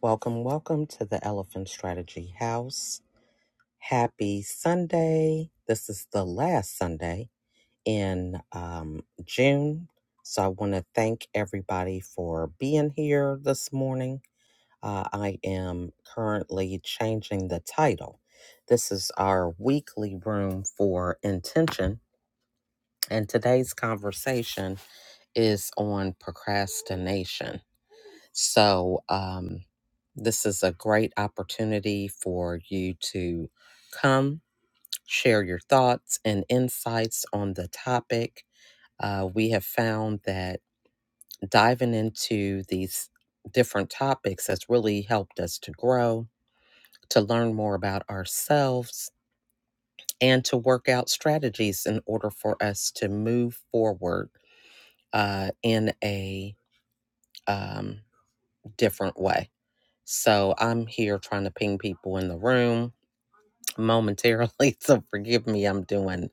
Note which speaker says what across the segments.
Speaker 1: Welcome, welcome to the Elephant Strategy House. Happy Sunday. This is the last Sunday in um, June. So I want to thank everybody for being here this morning. Uh, I am currently changing the title. This is our weekly room for intention. And today's conversation is on procrastination. So, um, this is a great opportunity for you to come share your thoughts and insights on the topic. Uh, we have found that diving into these different topics has really helped us to grow, to learn more about ourselves, and to work out strategies in order for us to move forward uh, in a um, different way. So I'm here trying to ping people in the room momentarily. So forgive me, I'm doing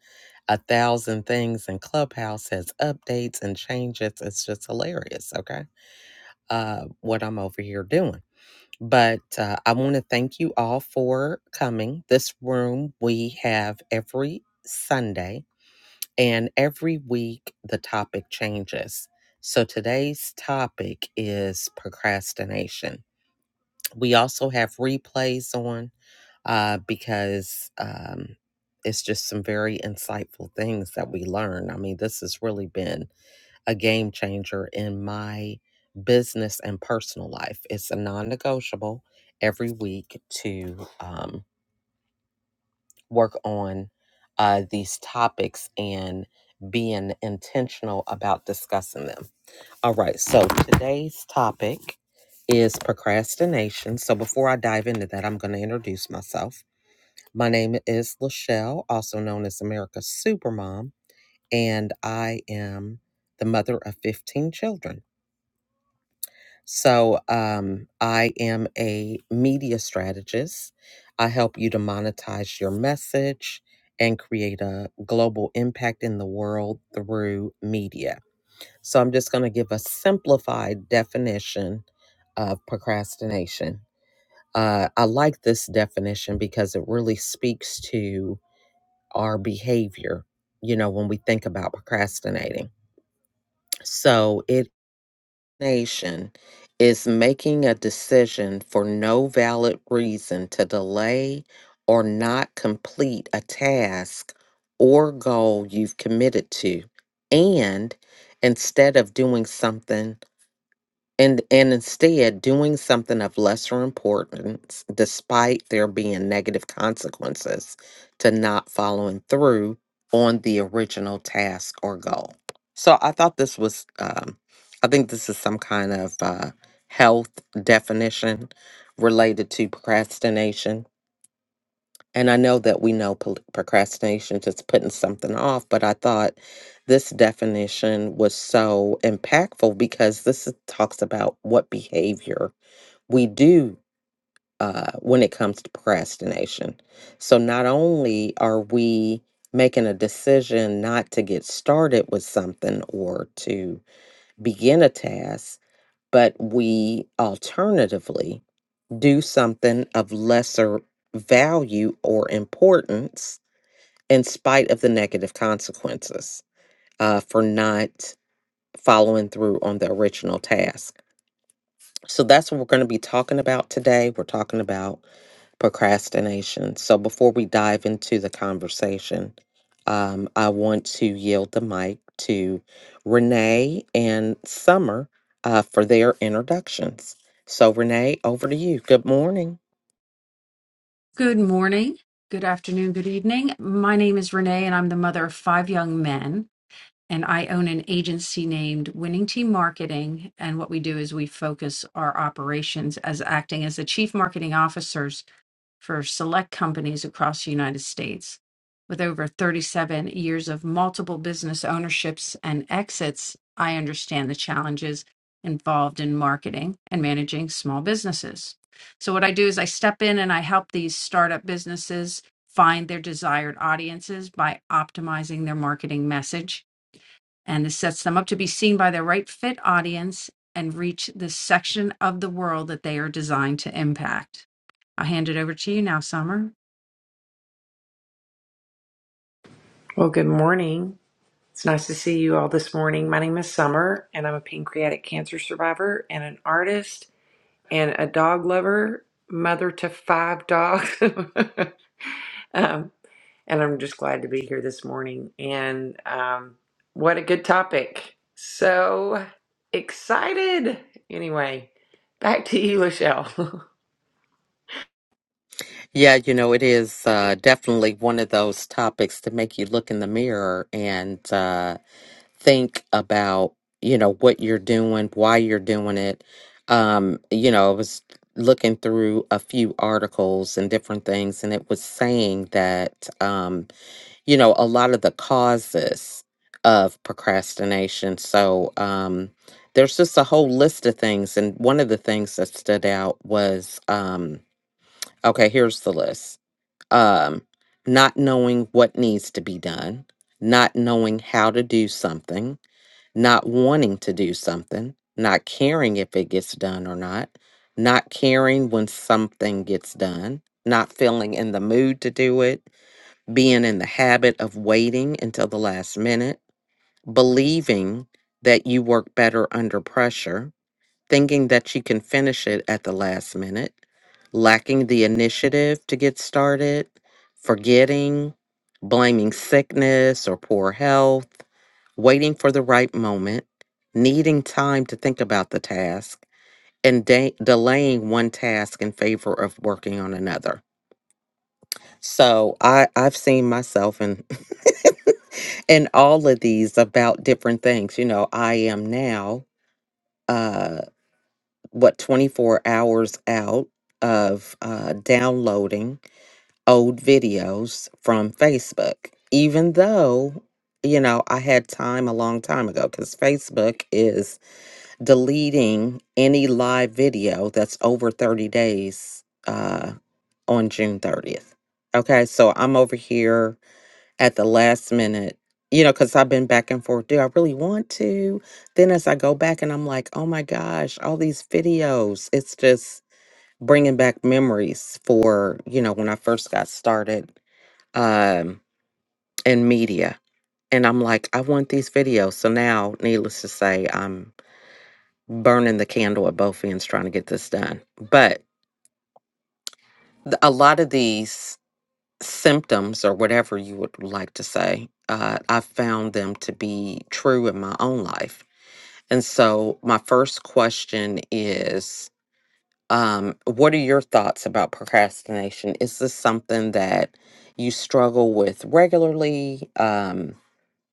Speaker 1: a thousand things and Clubhouse has updates and changes. It's just hilarious, okay? Uh, what I'm over here doing. But uh, I want to thank you all for coming. This room we have every Sunday and every week the topic changes. So today's topic is procrastination. We also have replays on uh, because um, it's just some very insightful things that we learn. I mean, this has really been a game changer in my business and personal life. It's a non negotiable every week to um, work on uh, these topics and being intentional about discussing them. All right, so today's topic is procrastination. So before I dive into that, I'm going to introduce myself. My name is Lachelle, also known as America's Supermom, and I am the mother of 15 children. So um, I am a media strategist. I help you to monetize your message and create a global impact in the world through media. So I'm just going to give a simplified definition of procrastination. Uh, I like this definition because it really speaks to our behavior, you know, when we think about procrastinating. So, it nation is making a decision for no valid reason to delay or not complete a task or goal you've committed to. And instead of doing something and and instead doing something of lesser importance despite there being negative consequences to not following through on the original task or goal so i thought this was um, i think this is some kind of uh, health definition related to procrastination and I know that we know pol- procrastination just putting something off, but I thought this definition was so impactful because this is- talks about what behavior we do uh, when it comes to procrastination. So not only are we making a decision not to get started with something or to begin a task, but we alternatively do something of lesser value or importance in spite of the negative consequences uh, for not following through on the original task. So that's what we're going to be talking about today. We're talking about procrastination. So before we dive into the conversation, um, I want to yield the mic to Renee and Summer uh, for their introductions. So, Renee, over to you. Good morning.
Speaker 2: Good morning, good afternoon, good evening. My name is Renee, and I'm the mother of five young men. And I own an agency named Winning Team Marketing. And what we do is we focus our operations as acting as the chief marketing officers for select companies across the United States. With over 37 years of multiple business ownerships and exits, I understand the challenges involved in marketing and managing small businesses. So, what I do is I step in and I help these startup businesses find their desired audiences by optimizing their marketing message and this sets them up to be seen by the right fit audience and reach the section of the world that they are designed to impact. I'll hand it over to you now, Summer.
Speaker 3: Well, good morning. It's nice to see you all this morning. My name is Summer, and I'm a pancreatic cancer survivor and an artist and a dog lover, mother to five dogs. um, and I'm just glad to be here this morning. And um, what a good topic. So excited. Anyway, back to you, Lachelle.
Speaker 1: Yeah, you know, it is uh, definitely one of those topics to make you look in the mirror and, uh, think about you know what you're doing why you're doing it um you know i was looking through a few articles and different things and it was saying that um you know a lot of the causes of procrastination so um there's just a whole list of things and one of the things that stood out was um okay here's the list um not knowing what needs to be done not knowing how to do something not wanting to do something, not caring if it gets done or not, not caring when something gets done, not feeling in the mood to do it, being in the habit of waiting until the last minute, believing that you work better under pressure, thinking that she can finish it at the last minute, lacking the initiative to get started, forgetting, blaming sickness or poor health, waiting for the right moment, needing time to think about the task, and de- delaying one task in favor of working on another. So I, I've seen myself in in all of these about different things. You know, I am now. uh, what 24 hours out of uh, downloading old videos from Facebook, even though you know I had time a long time ago because Facebook is deleting any live video that's over 30 days uh, on June 30th. Okay, so I'm over here at the last minute. You know, because I've been back and forth. Do I really want to? Then as I go back and I'm like, oh my gosh, all these videos. It's just bringing back memories for you know when I first got started um, in media, and I'm like, I want these videos. So now, needless to say, I'm burning the candle at both ends trying to get this done. But th- a lot of these symptoms, or whatever you would like to say, uh, I found them to be true in my own life. And so, my first question is um what are your thoughts about procrastination is this something that you struggle with regularly um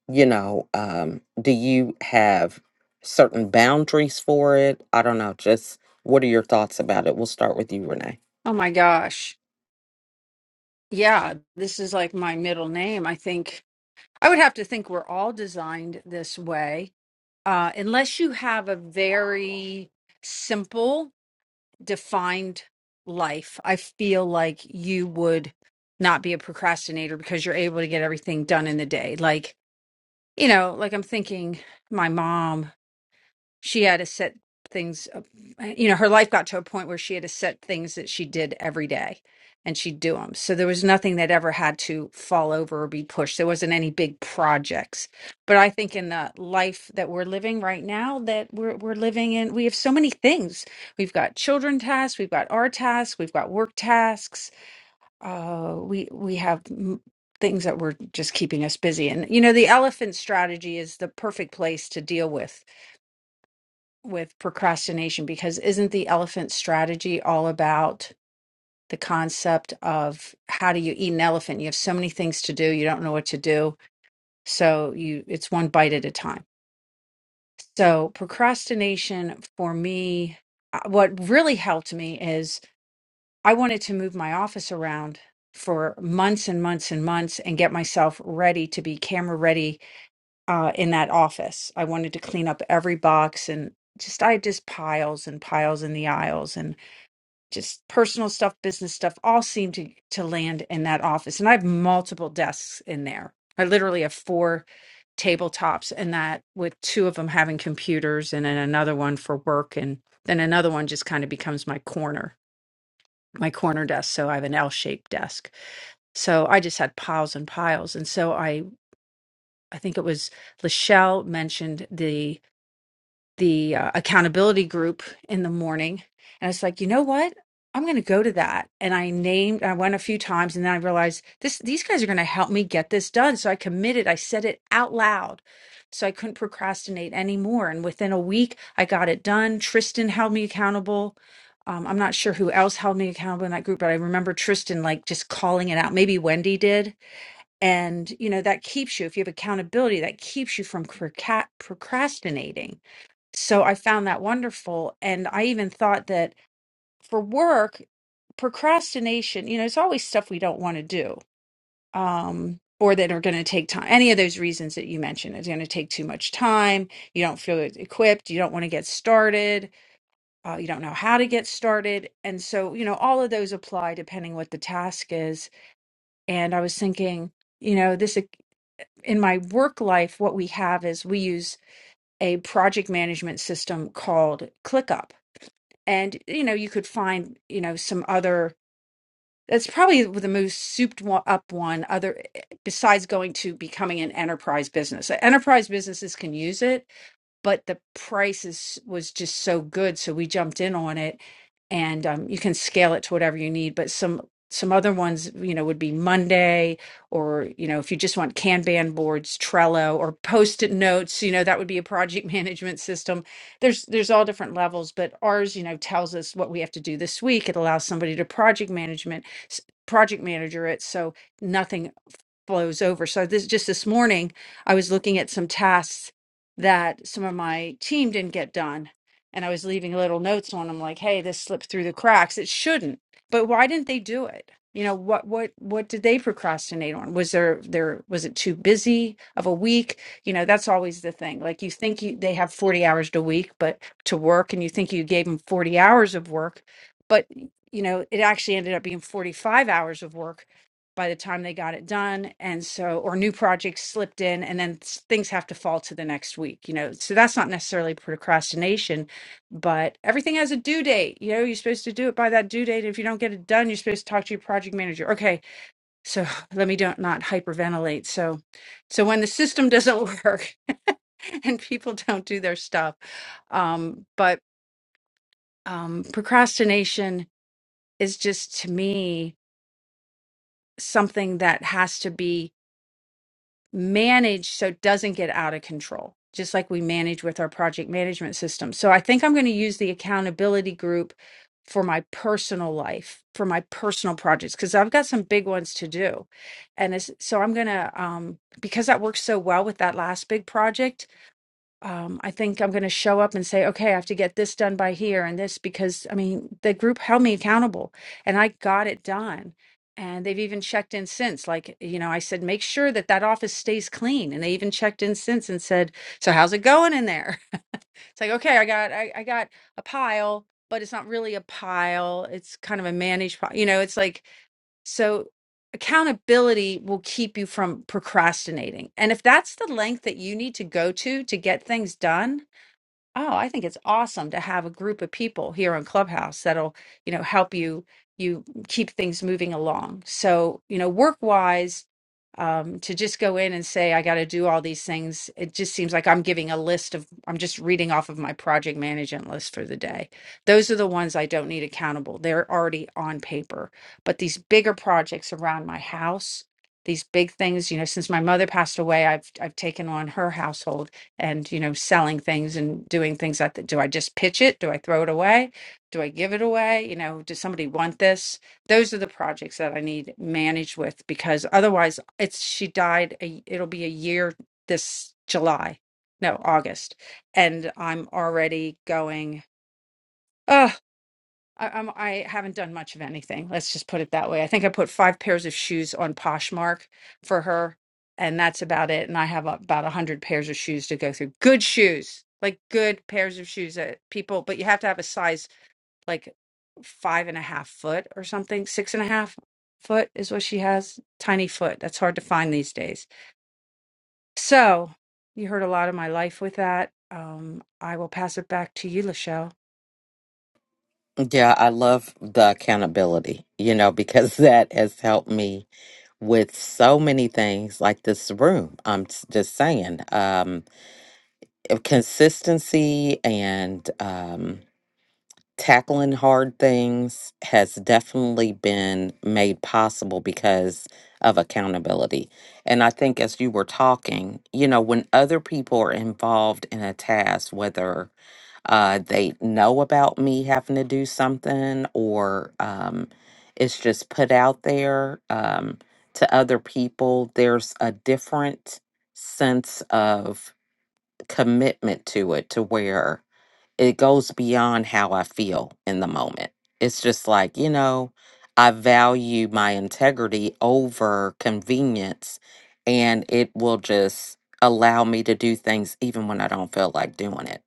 Speaker 1: you know um do you have certain boundaries for it i don't know just what are your thoughts about it we'll start with you renee
Speaker 2: Oh my gosh. Yeah, this is like my middle name. I think I would have to think we're all designed this way, uh, unless you have a very simple, defined life. I feel like you would not be a procrastinator because you're able to get everything done in the day. Like you know, like I'm thinking my mom, she had to set things up. uh, You know, her life got to a point where she had to set things that she did every day and she'd do them. So there was nothing that ever had to fall over or be pushed. There wasn't any big projects. But I think in the life that we're living right now that we're we're living in, we have so many things. We've got children tasks, we've got our tasks, we've got work tasks uh, we we have m- things that were just keeping us busy. And you know, the elephant strategy is the perfect place to deal with with procrastination because isn't the elephant strategy all about the concept of how do you eat an elephant? You have so many things to do, you don't know what to do, so you it's one bite at a time. So procrastination for me, uh, what really helped me is I wanted to move my office around for months and months and months and get myself ready to be camera ready uh, in that office. I wanted to clean up every box and just, I had just piles and piles in the aisles and just personal stuff, business stuff, all seemed to, to land in that office. And I have multiple desks in there. I literally have four tabletops and that with two of them having computers and then another one for work and then another one just kind of becomes my corner my corner desk so i have an l-shaped desk so i just had piles and piles and so i i think it was lachelle mentioned the the uh, accountability group in the morning and it's like you know what i'm going to go to that and i named i went a few times and then i realized this these guys are going to help me get this done so i committed i said it out loud so i couldn't procrastinate anymore and within a week i got it done tristan held me accountable um, i'm not sure who else held me accountable in that group but i remember tristan like just calling it out maybe wendy did and you know that keeps you if you have accountability that keeps you from procra- procrastinating so I found that wonderful. And I even thought that for work, procrastination, you know, it's always stuff we don't want to do um, or that are going to take time. Any of those reasons that you mentioned its going to take too much time. You don't feel e-, equipped. You don't want to get started. Uh, you don't know how to get started. And so, you know, all of those apply depending what the task is. And I was thinking, you know, this in my work life, what we have is we use a project management system called ClickUp and you know you could find you know some other that's probably the most souped one, up one other eh, besides going to becoming an enterprise business enterprise businesses can use it but the price is was just so good so we jumped in on it and um, you can scale it to whatever you need but some some other ones you know would be monday or you know if you just want kanban boards trello or post-it notes you know that would be a project management system there's there's all different levels but ours you know tells us what we have to do this week it allows somebody to project management s- project manager it so nothing blows over. So this just this morning, I was looking at some tasks that some of my team didn't get done, and I was leaving little notes on them like, "Hey, this slipped through the cracks. It shouldn't." But why didn't they do it? You know, what what what did they procrastinate on? Was there there was it too busy of a week? You know, that's always the thing. Like you think you they have 40 hours a week, but to work and you think you gave them 40 hours of work, but you know, it actually ended up being 45 hours of work by the time they got it done and so or new projects slipped in and then s- things have to fall to the next week you know so that's not necessarily procrastination but everything has a due date you know you're supposed to do it by that due date if you don't get it done you're supposed to talk to your project manager okay so let me don't not hyperventilate so so when the system doesn't work and people don't do their stuff um but um procrastination is just to me something that has to be manage so it doesn't get out of control, just like we manage with our project management system. So I think I'm going to use the accountability group for my personal life, for my personal projects, because I've got some big ones to do. And it's, so I'm going to, um, because that works so well with that last big project, um, I think I'm going to show up and say, okay, I have to get this done by here and this because I mean, the group held me accountable and I got it done. And they've even checked in since. Like, you know, I said, make sure that that office stays clean. And they even checked in since and said, so how's it going in there? It's like, okay, I got, I, I got a pile, but it's not really a pile. It's kind of a managed pile. You know, it's like, so accountability will keep you from procrastinating. And if that's the length that you need to go to to get things done, Oh, I think it's awesome to have a group of people here on Clubhouse that'll, you know, help you you keep things moving along. So, you know, work-wise, um, to just go in and say I got to do all these things, it just seems like I'm giving a list of I'm just reading off of my project management list for the day. Those are the ones I don't need accountable. They're already on paper. But these bigger projects around my house, these big things, you know, since my mother passed away, I've I've taken on her household and you know selling things and doing things like that do i just pitch it do i throw it away do i give it away you know does somebody want this those are the projects that i need managed with because otherwise it's she died a, it'll be a year this july no august and i'm already going I, I'm, I haven't done much of anything. Let's just put it that way. I think I put five pairs of shoes on Poshmark for her, and that's about it. And I have about a hundred pairs of shoes to go through. Good shoes, like good pairs of shoes that people, but you have to have a size like five and a half foot or something. Six and a half foot is what she has. Tiny foot. That's hard to find these days. So you heard a lot of my life with that. Um, I will pass it back to you, Lachelle.
Speaker 1: yeah i love the accountability you know because that has helped me with so many things like this room i'm s- just saying um uh, consistency and um tackling hard things has definitely been made possible because of accountability. And I think as you were talking, you know, when other people are involved in a task, whether uh, they know about me having to do something or um, it's just put out there um, to other people, there's a different sense of commitment to it to where it goes beyond how I feel in the moment. It's just like, you know, I value my integrity over convenience, and it will just allow me to do things even when I don't feel like doing it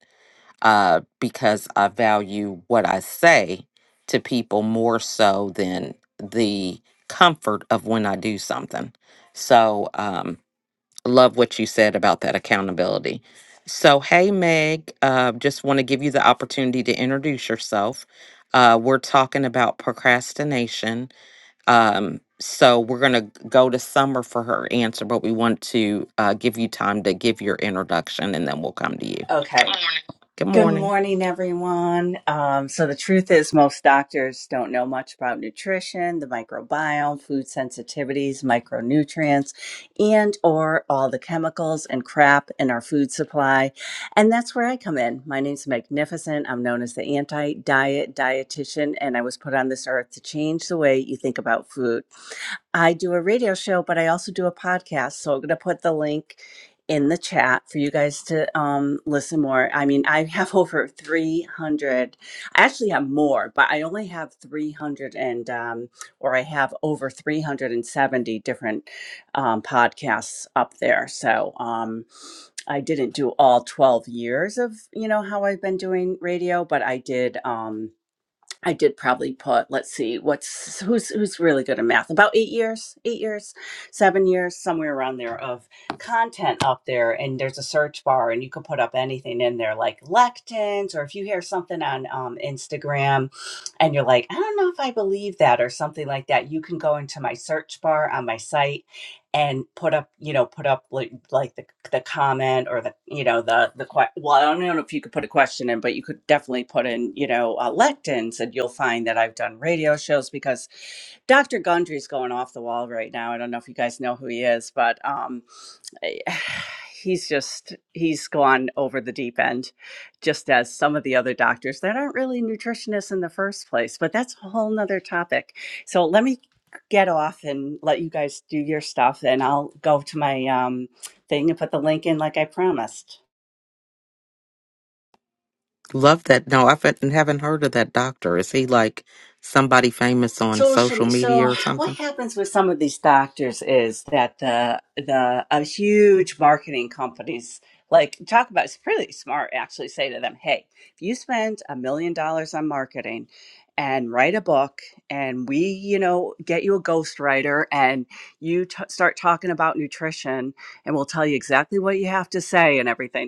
Speaker 1: uh, because I value what I say to people more so than the comfort of when I do something. So, um, love what you said about that accountability. So, hey, Meg, uh, just want to give you the opportunity to introduce yourself. Uh, we're talking about procrastination. Um, so, we're going to go to Summer for her answer, but we want to uh, give you time to give your introduction and then we'll come to you.
Speaker 4: Okay. Good morning,
Speaker 1: Good
Speaker 4: Good
Speaker 1: morning.
Speaker 4: morning, everyone. Um, so, the truth is, most doctors don't know much about nutrition, the microbiome, food sensitivities, micronutrients, and or all the chemicals and crap in our food supply. And that's where I come in. My name's Magnificent. I'm known as the anti-diet dietitian, and I was put on this earth to change the way you think about food. I do a radio show, but I also do a podcast. So I'm going to put the link in the chat for you guys to um, listen more. I mean, I have over 300. I actually have more, but I only have 300 and, um, or I have over 370 different um, podcasts up there. So um, I didn't do all 12 years of, you know, how I've been doing radio, but I did. Um, I did probably put, let's see, what's who's who's really good at math? About eight years, eight years, seven years, somewhere around there of content up there. And there's a search bar and you can put up anything in there like lectins, or if you hear something on um, Instagram and you're like, I don't know if I believe that or something like that, you can go into my search bar on my site and put up you know put up like like the the comment or the you know the the que- well I don't know if you could put a question in but you could definitely put in you know uh, lectins and you'll find that I've done radio shows because Dr. Gundry's going off the wall right now I don't know if you guys know who he is but um eh, he's just he's gone over the deep end just as some of the other doctors that aren't really nutritionists in the first place but that's a whole nother topic so let me get off and let you guys do your stuff and i'll go to my um, thing and put the link in like i promised
Speaker 1: Love that. No, I haven't haven't heard of that doctor. Is he like somebody famous on
Speaker 4: social
Speaker 1: social
Speaker 4: me-
Speaker 1: media
Speaker 4: so
Speaker 1: or
Speaker 4: what
Speaker 1: something?
Speaker 4: happens with some of these doctors is that the the uh, huge marketing companies like talk about it's pretty smart actually say to them hey if you spend a million dollars on marketing and write a book and we you know get you a ghostwriter and you t- start talking about nutrition and we'll tell you exactly what you have to say and everything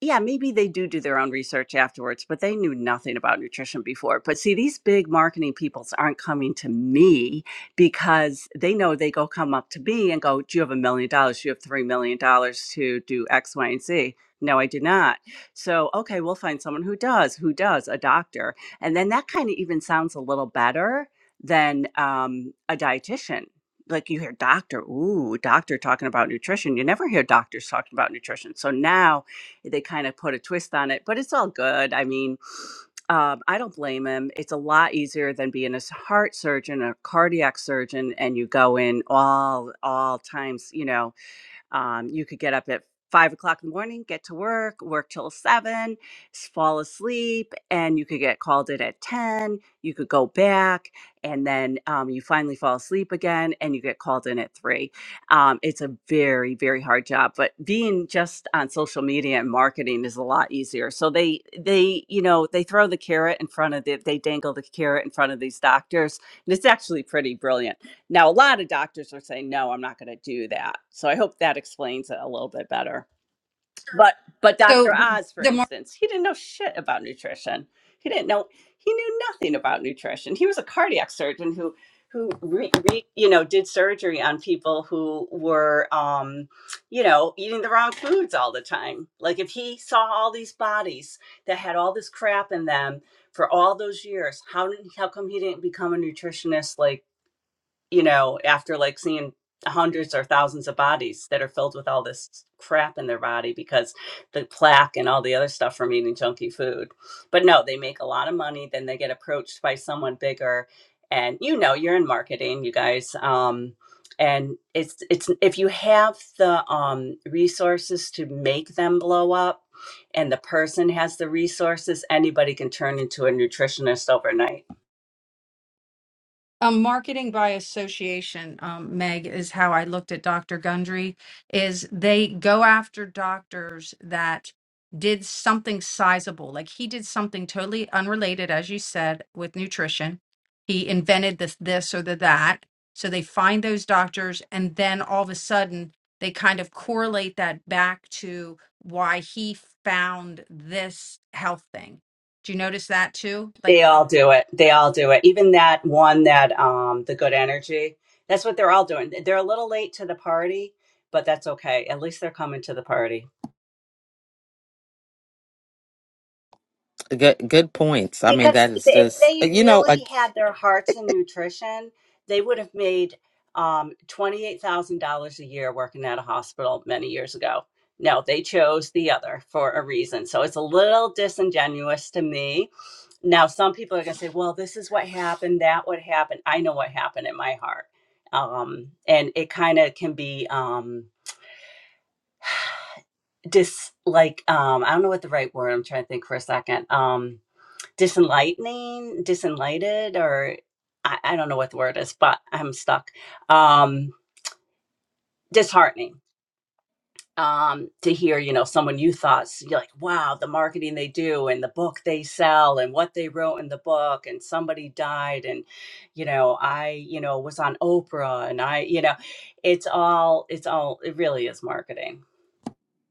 Speaker 4: yeah, maybe they do do their own research afterwards, but they knew nothing about nutrition before. But see, these big marketing peoples aren't coming to me because they know they go come up to me and go, Do you have a million dollars? Do you have three million dollars to do X, Y, and Z? No, I do not. So, okay, we'll find someone who does, who does, a doctor. And then that kind of even sounds a little better than um, a dietitian. Like you hear doctor, ooh, doctor talking about nutrition. You never hear doctors talking about nutrition. So now they kind of put a twist on it, but it's all good. I mean, um, I don't blame him. It's a lot easier than being a s- heart surgeon or cardiac surgeon, and you go in all all times, you know, um, you could get up at five o'clock in the morning, get to work, work till seven, s- fall asleep, and you could get called in at 10. You could go back, and then um, you finally fall asleep again and you get called in at three. Um, it's a very, very hard job, but being just on social media and marketing is a lot easier. So they, they, you know, they throw the carrot in front of the, they dangle the carrot in front of these doctors. And it's actually pretty brilliant now, a lot of doctors are saying, no, I'm not going to do that. So I hope that explains it a little bit better. Sure. But but Dr.
Speaker 2: So
Speaker 4: Oz, for
Speaker 2: the
Speaker 4: instance, he didn't know shit about nutrition. He didn't know he knew nothing about nutrition. He was a cardiac surgeon who who re, re, you know did surgery on people who were um, you know eating the wrong foods all the time. Like if he saw all these bodies that had all this crap in them for all those years, how did how come he didn't become a nutritionist like you know, after like seeing hundreds or thousands of bodies that are filled with all this crap in their body because the plaque and all the other stuff from eating junky food. But no, they make a lot of money, then they get approached by someone bigger and you know, you're in marketing, you guys. Um and it's it's if you have the um resources to make them blow up and the person has the resources, anybody can turn into a nutritionist overnight
Speaker 2: Um, marketing by association, um, Meg, is how I looked at Dr. Gundry, is they go after doctors that did something sizable. Like he did something totally unrelated, as you said, with nutrition. He invented this, this or the that. So they find those doctors, and then all of a sudden they kind of correlate that back to why he found this health thing. Do you notice that too? Like
Speaker 4: They all do it. They all do it. Even that one that um the good energy. That's what they're all doing. They're a little late to the party, but that's okay. At least they're coming to the party.
Speaker 1: Good, good points. I mean,
Speaker 4: Because
Speaker 1: that is
Speaker 4: if
Speaker 1: just
Speaker 4: they
Speaker 1: you know,
Speaker 4: really
Speaker 1: like,
Speaker 4: had their hearts in nutrition, they would have made um, $28,000 a year working at a hospital many years ago. No, they chose the other for a reason. So it's a little disingenuous to me. Now, some people are going to say, well, this is what happened, that what happened. I know what happened in my heart. Um, and it kind of can be um, dis like, um, I don't know what the right word I'm trying to think for a second. Um, disenlightening, disenlighted, or I, I don't know what the word is, but I'm stuck. Um, disheartening um, to hear, you know, someone you thought, you're like, wow, the marketing they do and the book they sell and what they wrote in the book and somebody died and, you know, I, you know, was on Oprah and I, you know, it's all, it's all, it really is marketing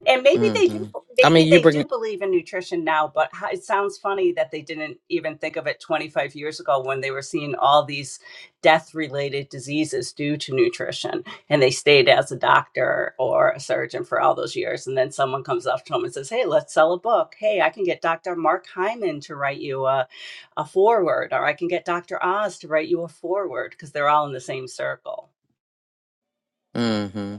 Speaker 4: and maybe they do.
Speaker 1: hmm I
Speaker 4: Maybe
Speaker 1: mean, you
Speaker 4: they do
Speaker 1: bring.
Speaker 4: believe in nutrition now, but how, it sounds funny that they didn't even think of it 25 years ago when they were seeing all these death-related diseases due to nutrition, and they stayed as a doctor or a surgeon for all those years. And then someone comes up to them and says, "Hey, let's sell a book. Hey, I can get Dr. Mark Hyman to write you a, a foreword, or I can get Dr. Oz to write you a foreword," because they're all in the same circle.
Speaker 1: mhm.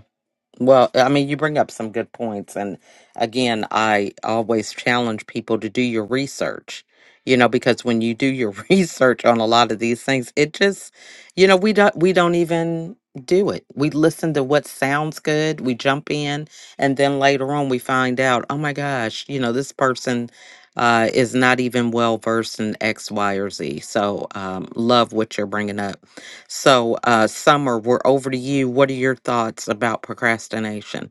Speaker 1: Well, I mean, you bring up some good points. And again, I always challenge people to do your research, you know, because when you do your research on a lot of these things, it just, you know, we don't, we don't even do it. We listen to what sounds good. We jump in. And then later on, we find out, oh my gosh, you know, this person uh, is not even well versed in X, Y, or Z. So um, love what you're bringing up. So, uh, Summer, we're over to you. What are your thoughts about procrastination?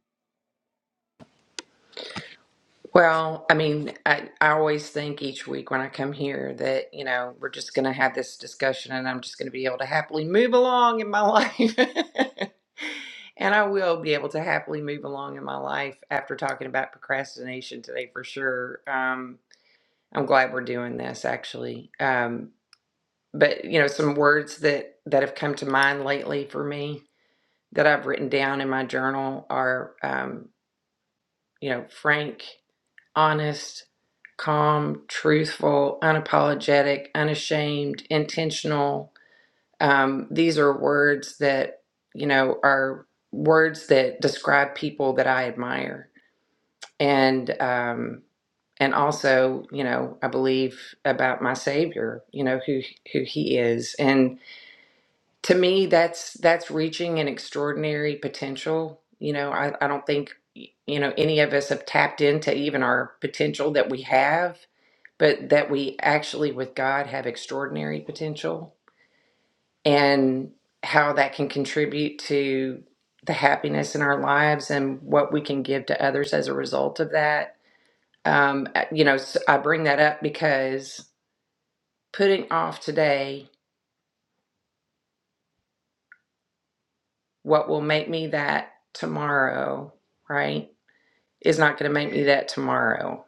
Speaker 3: Well, I mean, I, I always think each week when I come here that, you know, we're just going to have this discussion and I'm just going to be able to happily move along in my life. and I will be able to happily move along in my life after talking about procrastination today for sure. Um, I'm glad we're doing this actually. Um, but, you know, some words that, that have come to mind lately for me that I've written down in my journal are, um, you know, frank honest, calm, truthful, unapologetic, unashamed, intentional. Um, these are words that, you know, are words that describe people that I admire. And, um, and also, you know, I believe about my Savior, you know, who, who He is. And to me, that's, that's reaching an extraordinary potential. You know, I, I don't think, you know, any of us have tapped into even our potential that we have but that we actually with God have extraordinary potential and how that can contribute to the happiness in our lives and what we can give to others as a result of that. Um, uh, you know, s- I bring that up because putting off today what will make me that tomorrow, right, is not going to make me that tomorrow.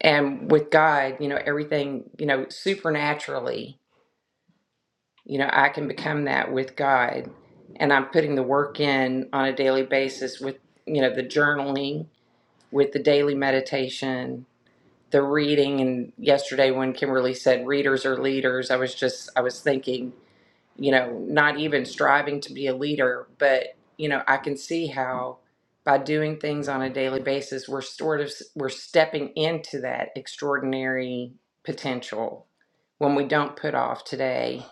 Speaker 3: And with God, you know, everything, you know, supernaturally You know, I can become that with God. And I'm putting the work in on a daily basis with, you know, the journaling, with the daily meditation, the reading. And yesterday, when Kimberly said readers are leaders, I was just, I was thinking, you know, not even striving to be a leader, but, you know, I can see how by doing things on a daily basis, we're sort of, we're stepping into that extraordinary potential when we don't put off today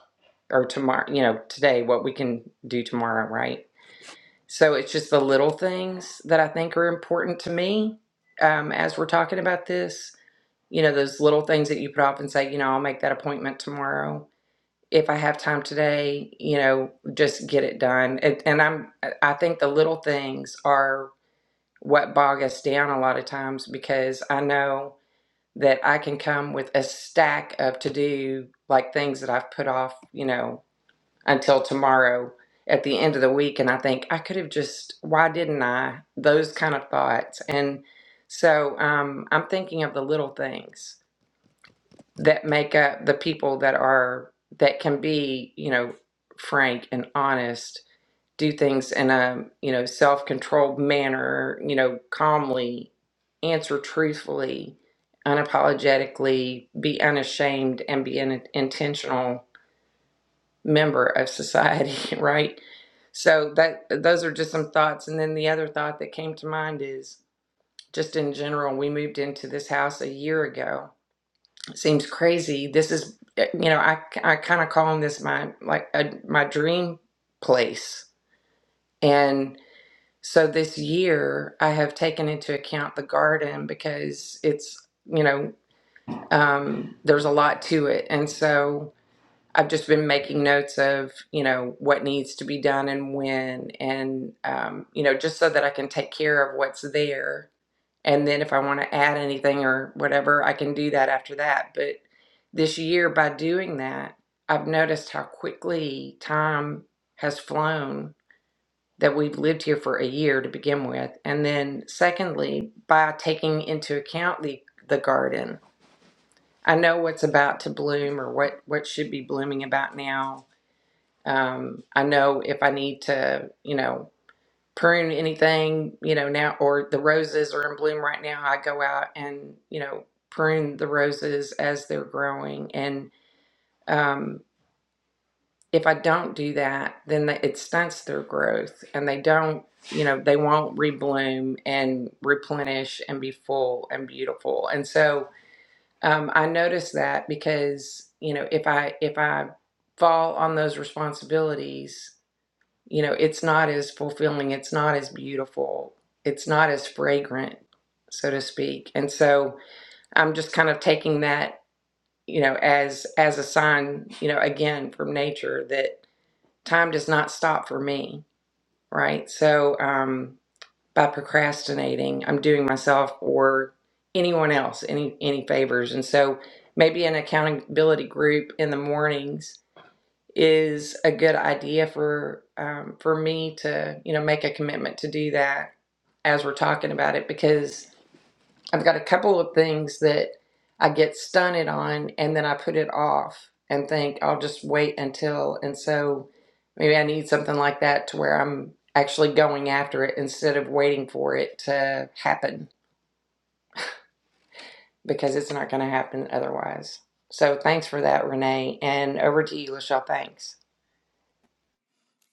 Speaker 3: or tomorrow, you know, today, what we can do tomorrow, right? So it's just the little things that I think are important to me um, as we're talking about this. You know, those little things that you put off and say, you know, I'll make that appointment tomorrow. If I have time today, you know, just get it done. And, and I'm, I think the little things are what bog us down a lot of times because I know that I can come with a stack of to do like things that I've put off, you know, until tomorrow at the end of the week and I think I could have just why didn't I those kind of thoughts and so um, I'm thinking of the little things that make up the people that are that can be you know frank and honest do things in a you know self-controlled manner you know calmly answer truthfully unapologetically be unashamed and be in, intentional member of society, right? So that those are just some thoughts. And then the other thought that came to mind is just in general, we moved into this house a year ago. It seems crazy. This is, eh, you know, I, I kind of calling this my like a, my dream place. And so this year, I have taken into account the garden because it's, you know, um, there's a lot to it. And so I've just been making notes of, you know, what needs to be done and when, and, um, you know, just so that I can take care of what's there. And then if I want to add anything or whatever, I can do that after that. But this year, by doing that, I've noticed how quickly time has flown that we've lived here for a year to begin with. And then, secondly, by taking into account the, the garden, I know what's about to bloom or what, what should be blooming about now um, I know if I need to, you know, prune anything, you know, now or the roses are in bloom right now, I go out and, you know, prune the roses as they're growing. And um, if I don't do that, then they, it stunts their growth and they don't, you know, they won't rebloom and replenish and be full and beautiful. And so um, I notice that because, you know, if I, if I, fall on those responsibilities you know, it's not as fulfilling, it's not as beautiful, it's not as fragrant, so to speak. And so I'm just kind of taking that, you know, as as a sign, you know, again from nature that time does not stop for me, right? So um by procrastinating, I'm doing myself or anyone else any any favors. And so maybe an accountability group in the mornings is a good idea for um, for me to you know make a commitment to do that as we're talking about it because I've got a couple of things that I get stunted on and then I put it off and think I'll just wait until and so maybe I need something like that to where I'm actually going after it instead of waiting for it to happen because it's not going to happen otherwise. So thanks for that, Renee, and over to you, Lachelle. Thanks.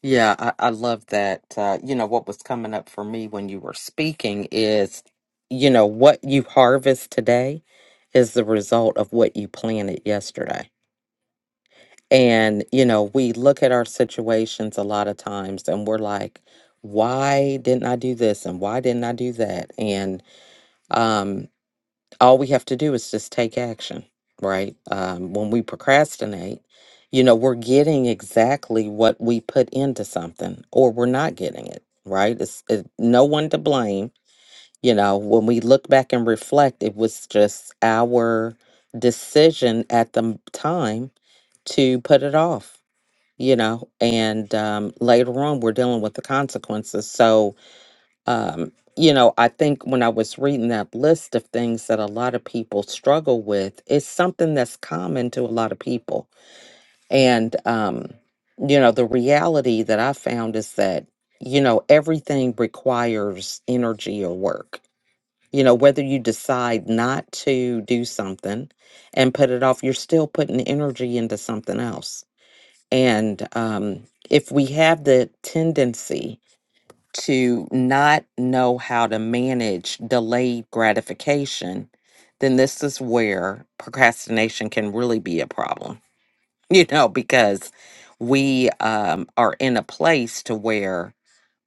Speaker 1: Yeah, I, I love that. Uh, you know, what was coming up for me when you were speaking is, you know, what you harvest today is the result of what you planted yesterday. And, you know, we look at our situations a lot of times and we're like, why didn't I do this? And why didn't I do that? And, um, all we have to do is just take action, right? Um, when we procrastinate, you know, we're getting exactly what we put into something, or we're not getting it, right? It's it, no one to blame. You know, when we look back and reflect, it was just our decision at the m- time to put it off, you know, and um, later on we're dealing with the consequences. So, um, you know, I think when I was reading that list of things that a lot of people struggle with, it's something that's common to a lot of people. And, um, you know, the reality that I found is that, you know, everything requires energy or work. You know, whether you decide not to do something and put it off, you're still putting energy into something else. And um, if we have the tendency, to not know how to manage delayed gratification, then this is where procrastination can really be a problem, you know, because we um, are in a place to where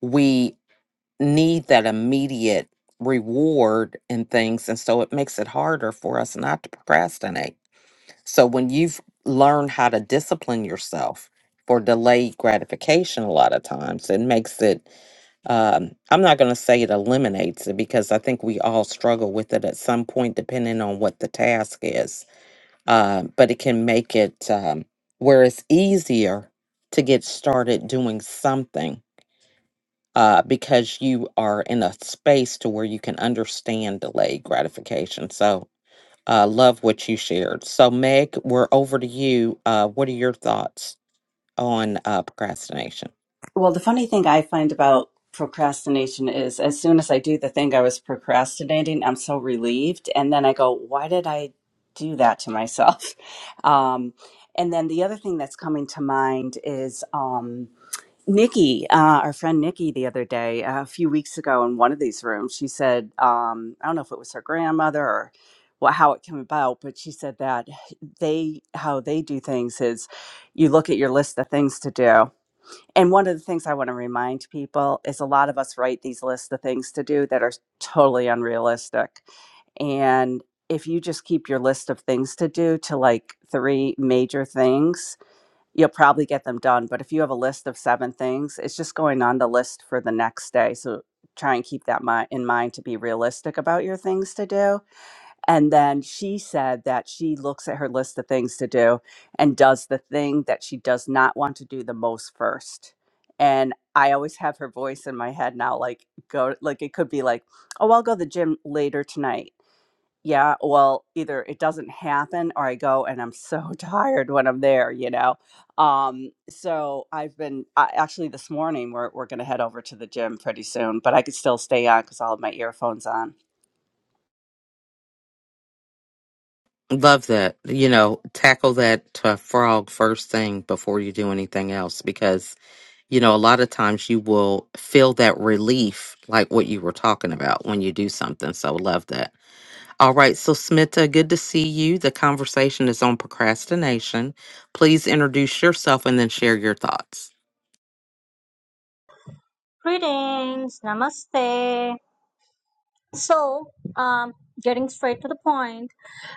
Speaker 1: we need that immediate reward and things. And so it makes it harder for us not to procrastinate. So when you've learned how to discipline yourself for delayed gratification, a lot of times it makes it um, I'm not going to say it eliminates it because I think we all struggle with it at some point, depending on what the task is. Uh, but it can make it um, where it's easier to get started doing something uh, because you are in a space to where you can understand delayed gratification. So, uh, love what you shared. So, Meg, we're over to you. Uh, what are your thoughts on uh, procrastination?
Speaker 4: Well, the funny thing I find about procrastination is as soon as I do the thing I was procrastinating, I'm so relieved. And then I go, why did I do that to myself? Um, and then the other thing that's coming to mind is um, Nikki, uh, our friend Nikki, the other day, uh, a few weeks ago in one of these rooms, she said, um, I don't know if it was her grandmother or what, how it came about, but she said that they, how they do things is you look at your list of things to do and one of the things I want to remind people is a lot of us write these lists of things to do that are totally unrealistic. And if you just keep your list of things to do to like three major things, you'll probably get them done. But if you have a list of seven things, it's just going on the list for the next day. So try and keep that mi- in mind to be realistic about your things to do and then she said that she looks at her list of things to do and does the thing that she does not want to do the most first. And I always have her voice in my head now, like go like it could be like, oh, I'll go to the gym later tonight. Yeah, well, either it doesn't happen or I go and I'm so tired when I'm there, you know. Um, so I've been I, actually this morning we're we're gonna head over to the gym pretty soon, but I could still stay on because I'll have my earphones on
Speaker 1: Love that. You know, tackle that uh, frog first thing before you do anything else because, you know, a lot of times you will feel that relief like what you were talking about when you do something. So, love that. All right. So, Smita, good to see you. The conversation is on procrastination. Please introduce yourself and then share your thoughts.
Speaker 5: Greetings, namaste. So, um, getting straight to the point,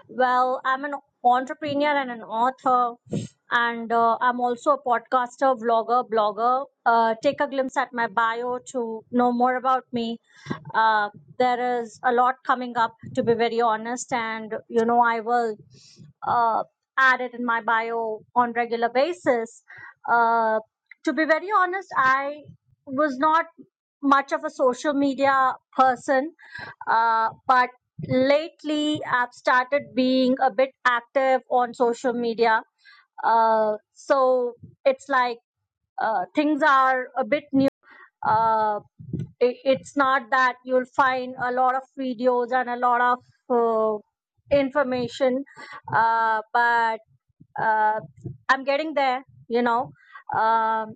Speaker 5: well, I'm an entrepreneur and an author, and uh, I'm also a podcaster, vlogger, blogger. Uh, take a glimpse at my bio to know more about me. Uh, there is a lot coming up, to be very honest, and you know, I will uh, added in my bio on regular basis. Uh, to be very honest, I was not much of a social media person, uh, but lately I've started being a bit active on social media. Uh, so it's like uh, things are a bit new. Uh, it, it's not that you'll find a lot of videos and a lot of uh, information, uh, but uh, I'm getting there, you know. Um,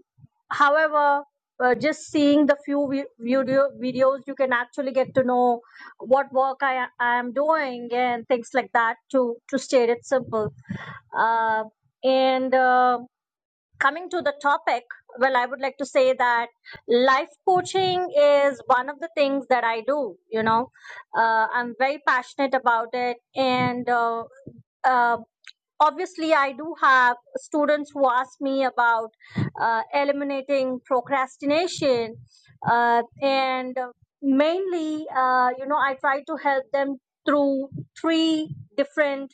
Speaker 5: however, uh, just seeing the few vi- video videos, you can actually get to know what work I, I am doing and things like that. To to state it simple, uh, and. Uh, coming to the topic, well, I would like to say that life coaching is one of the things that I do. You know, uh, I'm very passionate about it, and uh, uh, obviously, I do have students who ask me about uh, eliminating procrastination, uh, and mainly, uh, you know, I try to help them through three different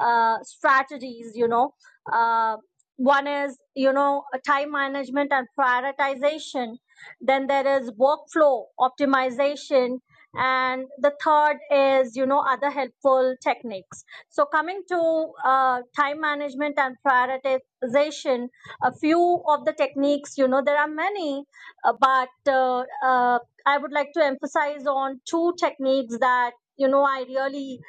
Speaker 5: uh, strategies. You know. Um, one is you know time management and prioritization then there is workflow optimization and the third is you know other helpful techniques so coming to uh, time management and prioritization a few of the techniques you know there are many uh, but uh, uh, i would like to emphasize on two techniques that you know i really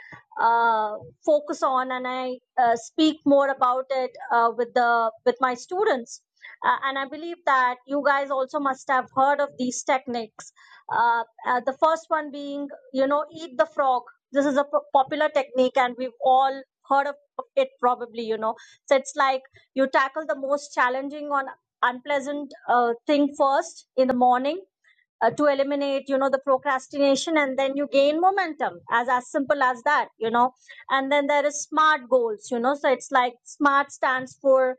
Speaker 5: uh, focus on and I uh, speak more about it uh, with the with my students. Uh, and I believe that you guys also must have heard of these techniques. Uh, uh, the first one being, you know, eat the frog. This is a p- popular technique, and we've all heard of it probably. You know, so it's like you tackle the most challenging on unpleasant uh, thing first in the morning uh, to eliminate you know the procrastination and then you gain momentum as as simple as that you know and then there is smart goals you know so it's like smart stands for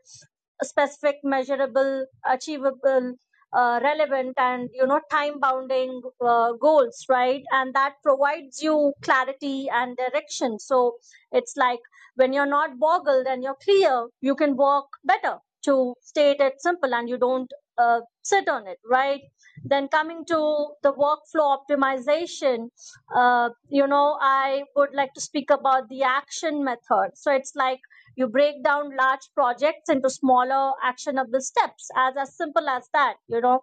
Speaker 5: specific measurable achievable uh, relevant and you know time bounding uh, goals right and that provides you clarity and direction so it's like when you're not boggled and you're clear you can walk better to state it simple and you don't uh, sit on it right then coming to the workflow optimization, uh, you know, I would like to speak about the action method. So it's like you break down large projects into smaller actionable steps, as as simple as that, you know.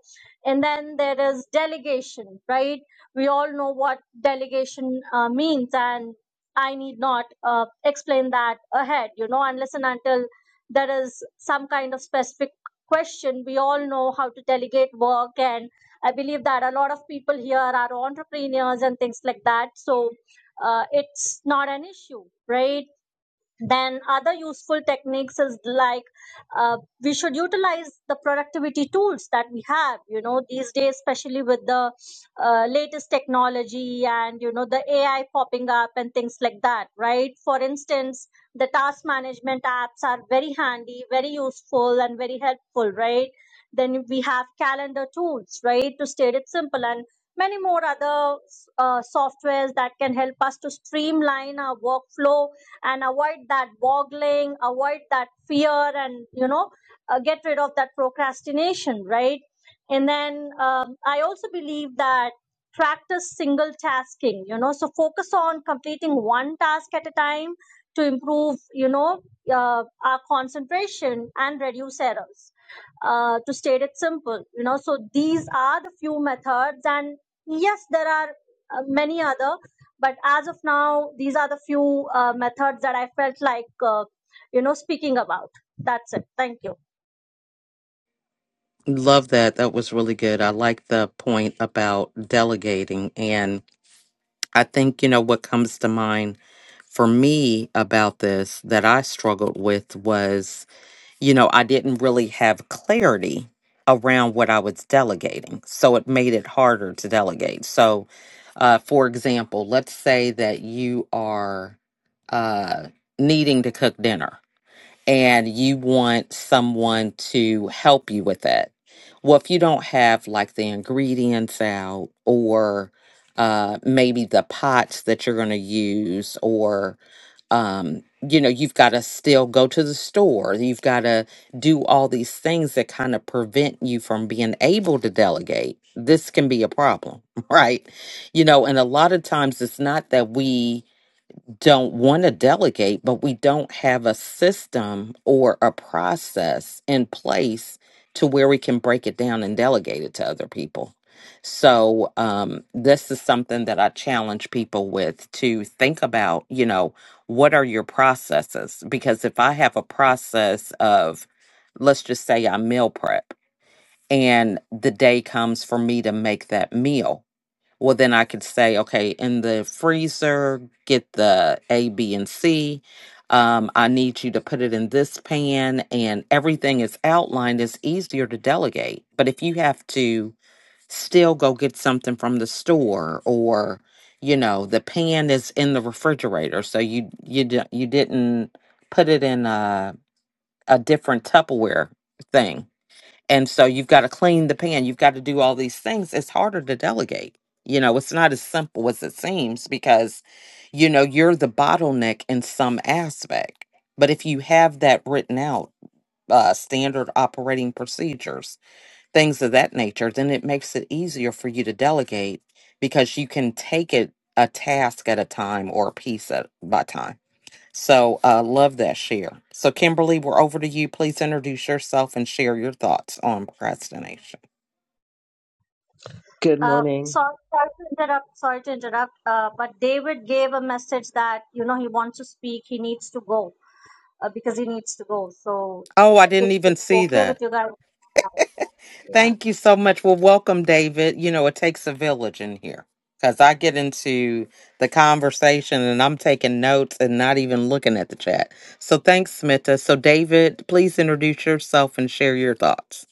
Speaker 5: And then there is delegation, right? We all know what delegation uh, means, and I need not uh, explain that ahead, you know, unless and until there is some kind of specific question. We all know how to delegate work and I believe that a lot of people here are entrepreneurs and things like that. So uh, it's not an issue, right? then other useful techniques is like uh, we should utilize the productivity tools that we have you know these days especially with the uh, latest technology and you know the ai popping up and things like that right for instance the task management apps are very handy very useful and very helpful right then we have calendar tools right to state it simple and many more other uh, softwares that can help us to streamline our workflow and avoid that boggling, avoid that fear, and you know, uh, get rid of that procrastination, right? And then um, I also believe that practice single tasking, you know, so focus on completing one task at a time to improve, you know, uh, our concentration and reduce errors. Uh, to state it simple, you know, so these are the few methods, and yes, there are uh, many other but as of now these are the few uh, methods that i felt like uh, you know speaking about that's it thank you
Speaker 1: Love that. That was really good. I like the point about delegating. I think, you know, what comes to mind for me about this that I struggled with was, you know, I didn't really have clarity around what I was delegating. So it made it harder to delegate. So, uh, for example, let's say that you are uh, needing to cook dinner and you want someone to help you with it. Well, if you don't have like the ingredients out or uh, maybe the pots that you're going to use, or, um, you know, you've got to still go to the store. You've got to do all these things that kind of prevent you from being able to delegate. This can be a problem, right? You know, and a lot of times it's not that we don't want to delegate, but we don't have a system or a process in place to where we can break it down and delegate it to other people. So, um, this is something that I challenge people with to think about, you know, what are your processes? Because if I have a process of, let's just say I meal prep and the day comes for me to make that meal, well then i could say okay in the freezer get the a b and c um, i need you to put it in this pan and everything is outlined it's easier to delegate but if you have to still go get something from the store or you know the pan is in the refrigerator so you you di- you didn't put it in a, a different tupperware thing and so you've got to clean the pan, you've got to do all these things. It's harder to delegate. You know, it's not as simple as it seems because, you know, you're the bottleneck in some aspect. But if you have that written out, uh, standard operating procedures, things of that nature, then it makes it easier for you to delegate because you can take it a task at a time or a piece at by time so uh, love that share. So Kimberly, we're over to you. Please introduce yourself and share your thoughts on procrastination.
Speaker 6: Good
Speaker 5: uh,
Speaker 6: morning.
Speaker 5: sorry, sorry to interrupt sorry to interrupt uh, but david gave a message that you know he wants to speak he needs to go uh, because he needs to go so
Speaker 1: Oh, I
Speaker 5: if
Speaker 1: didn't even
Speaker 5: if
Speaker 1: see
Speaker 5: okay with
Speaker 1: that.
Speaker 5: you guys yeah
Speaker 1: Thank you so much. Well, welcome, David. You know, it takes a village in here because I get into the conversation and I'm taking notes and not even looking at the chat. So thanks, Smita. So David, please introduce yourself and share your thoughts.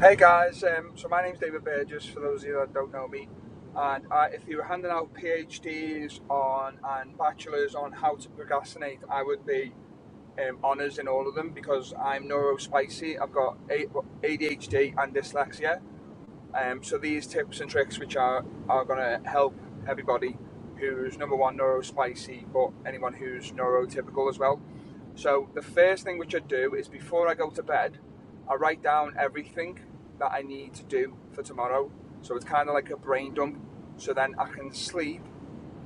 Speaker 7: Hey guys, um, so my name's David Burgess, for those of you that don't know me. And uh, if you were handing out PhDs on and bachelors on how to procrastinate, I would be um, honours in all of them because I'm neurospicy. I've got ADHD and dyslexia. Um, so these tips and tricks, which are are going to help everybody who's number one neurospicy, but anyone who's neurotypical as well. So the first thing which I do is before I go to bed, I write down everything that I need to do for tomorrow. So it's kind of like a brain dump. So then I can sleep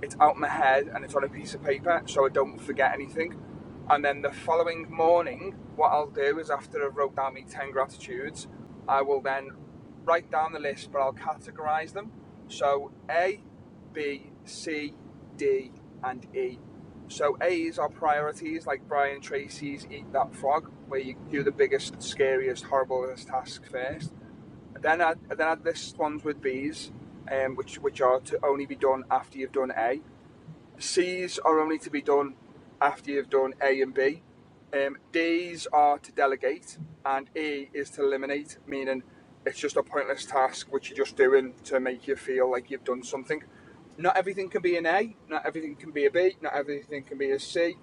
Speaker 7: it's out my head and it's on a piece of paper so I don't forget anything. And then the following morning, what I'll do is after I've wrote down my 10 gratitudes, I will then write down the list, but I'll categorize them. So A, B, C, D, and E. So A is our priorities, like Brian Tracy's Eat That Frog, where you do the biggest, scariest, horriblest task first. And Then I then add this ones with B's, um, which which are to only be done after you've done A. C's are only to be done after you've done A and B. Um, D's are to delegate, and E is to eliminate, meaning it's just a pointless task which you're just doing to make you feel like you've done something. Not everything can be an A, not everything can be a B, not everything can be a C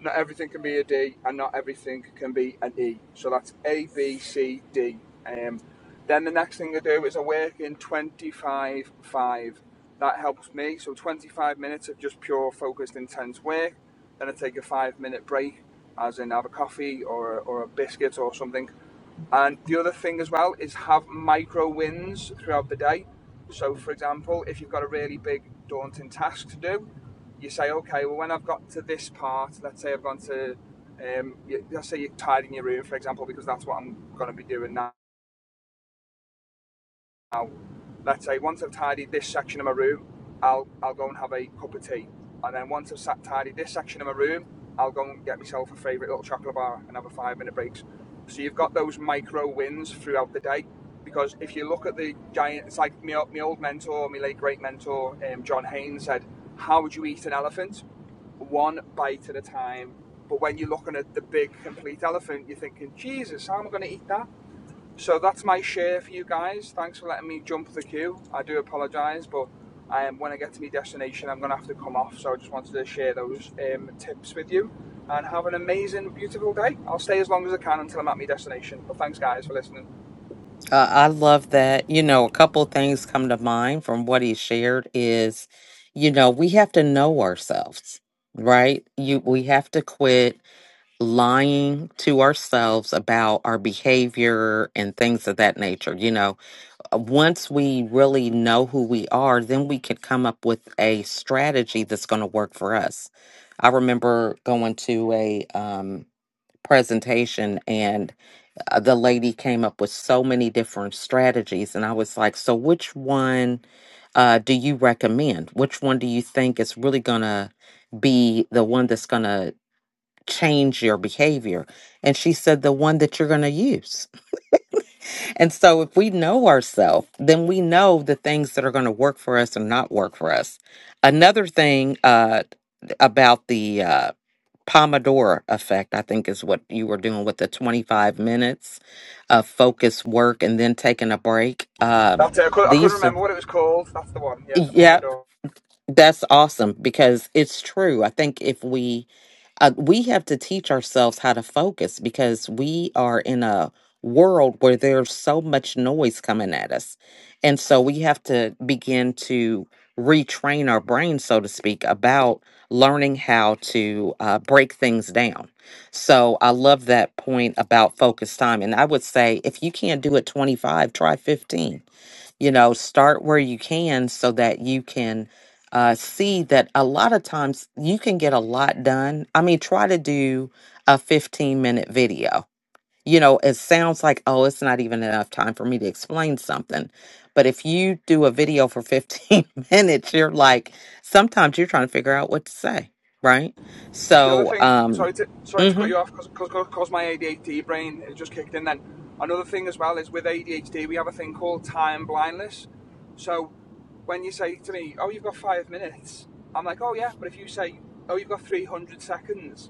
Speaker 7: not everything can be a D, and not everything can be an E. So that's A, B, C, D. Um, then the next thing I do is I work in 25 5. That helps me. So 25 minutes of just pure, focused, intense work. Then I take a five minute break, as in have a coffee or, or a biscuit or something. And the other thing as well is have micro wins throughout the day. So, for example, if you've got a really big, daunting task to do, you say, okay, well, when I've got to this part, let's say I've gone to, um, you, let's say you're tidying your room, for example, because that's what I'm going to be doing now let's say once I've tidied this section of my room, I'll I'll go and have a cup of tea, and then once I've sat tidied this section of my room, I'll go and get myself a favourite little chocolate bar and have a five minute breaks. So you've got those micro wins throughout the day, because if you look at the giant, it's like my, my old mentor, my late great mentor, um, John Haynes said, "How would you eat an elephant? One bite at a time." But when you're looking at the big complete elephant, you're thinking, "Jesus, how am I going to eat that?" So that's my share for you guys. Thanks for letting me jump the queue. I do apologise, but um, when I get to my destination, I'm going to have to come off. So I just wanted to share those um, tips with you. And have an amazing, beautiful day. I'll stay as long as I can until I'm at my destination. But thanks, guys, for listening.
Speaker 1: Uh, I love that. You know, a couple things come to mind from what he shared is, you know, we have to know ourselves, right? You we have to quit lying to ourselves about our behavior and things of that nature. You know, Uh, once we really know who we are, then we can come up with a strategy that's going to work for us. I remember going to a um presentation and uh, the lady came up with so many different strategies and i was like so which one uh, do you recommend which one do you think is really going to be the one that's going to change your behavior and she said the one that you're going to use and so if we know ourselves then we know the things that are going to work for us and not work for us another thing uh, about the uh, Pomodoro effect, I think is what you were doing with the 25 minutes of focused work and then taking a break. Um,
Speaker 7: That's it. I, could, I couldn't
Speaker 1: these are,
Speaker 7: remember what it was called. That's the one. Yeah, the
Speaker 1: yep,
Speaker 7: Pomodoro.
Speaker 1: that's awesome because it's true. I think if we, uh, we have to teach ourselves how to focus because we are in a world where there's so much noise coming at us. And so we have to begin to retrain our brain, so to speak, about learning how to uh, break things down. So I love that point about focus time. And I would say if you can't do it 25, try 15 you know start where you can so that you can uh, see that a lot of times you can get a lot done i mean try to do a 15 minute video you know it sounds like oh it's not even enough time for me to explain something but if you do a video for 15 minutes you're like sometimes you're trying to figure out what to say right
Speaker 7: The other
Speaker 1: so
Speaker 7: thing,
Speaker 1: um
Speaker 7: sorry to sorry to cut you off because my ADHD brain just kicked in. Then another thing as well is with ADHD we have a thing called time blindness. So when you say to me, "Oh, you've got five minutes," I'm like, "Oh yeah," but if you say, "Oh, you've got 300 seconds,"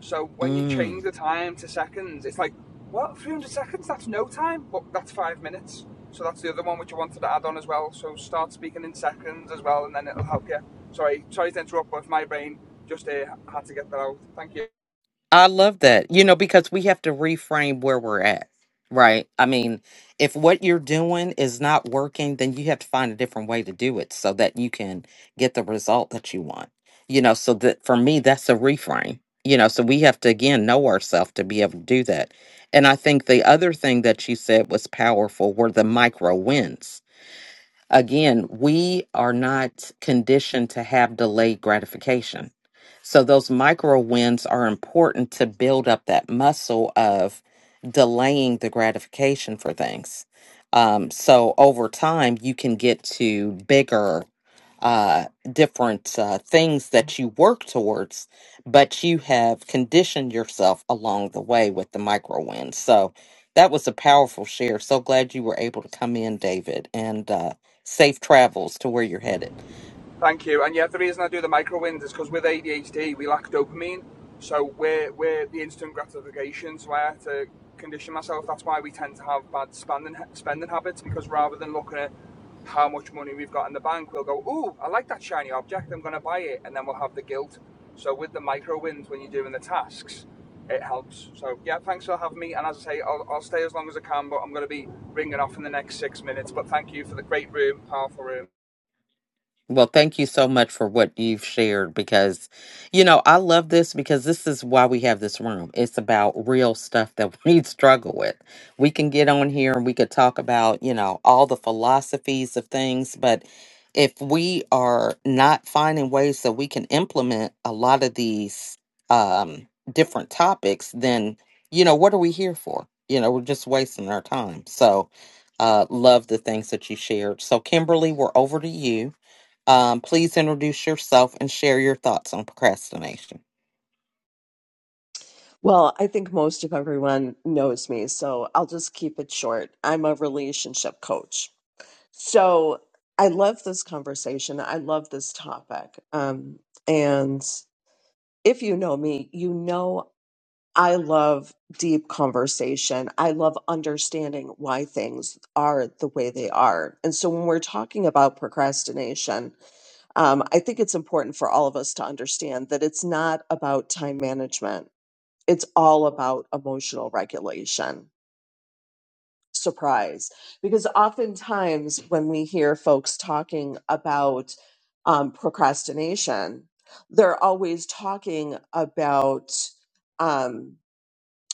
Speaker 7: So when you
Speaker 1: mhm
Speaker 7: change the time to seconds, it's like, what, 300 seconds? That's no time, but that's five minutes. So that's the other one which I wanted to add on as well. So start speaking in seconds as well, and then it'll help you. Sorry, sorry to interrupt, but my brain just uh, had to get that out. Thank you.
Speaker 1: I love that. You know, because we have to reframe where we're at, right? I mean, if what you're doing is not working, then you have to find a different way to do it so that you can get the result that you want. You know, so that for me, that's a reframe. You know, so we have to again know ourselves to be able to do that. And I think the other thing that you said was powerful were the micro wins Again, we are not conditioned to have delayed gratification. So those micro wins are important to build up that muscle of delaying the gratification for things. Um, so over time, you can get to bigger uh different uh, things that you work towards but you have conditioned yourself along the way with the micro wins so that was a powerful share so glad you were able to come in david and uh, safe travels to where you're headed.
Speaker 7: Thank you. And yeah, the reason I do the micro wins is because with ADHD we lack dopamine, so we're we're the instant gratification. So I had to condition myself. That's why we tend to have bad spending spending habits because rather than looking at how much money we've got in the bank, we'll go, "Ooh, I like that shiny object. I'm going to buy it," and then we'll have the guilt. So with the micro wins when you're doing the tasks, it helps. So yeah, thanks for having me. And as I say, I'll, I'll stay as long as I can, but I'm going to be ringing off in the next six minutes. But thank you for the great room, powerful room.
Speaker 1: Well, thank you so much for what you've shared because, you know, I love this because this is why we have this room. It's about real stuff that we struggle with. We can get on here and we could talk about, you know, all the philosophies of things, but if we are not finding ways that we can implement a lot of these um, different topics, then, you know, what are we here for? You know, we're just wasting our time. So, uh, love the things that you shared. So, Kimberly, we're over to you um, please introduce yourself and share your thoughts on procrastination.
Speaker 6: Well, I think most of everyone knows me, so I'll just keep it short. I'm a relationship coach. So I love this conversation. I love this topic. Um, and if you know me, you know I love deep conversation. I love understanding why things are the way they are. And so when we're talking about procrastination, um, I think it's important for all of us to understand that it's not about time management it's all about emotional regulation. Surprise. Because oftentimes when we hear folks talking about um, procrastination, they're always talking about, um,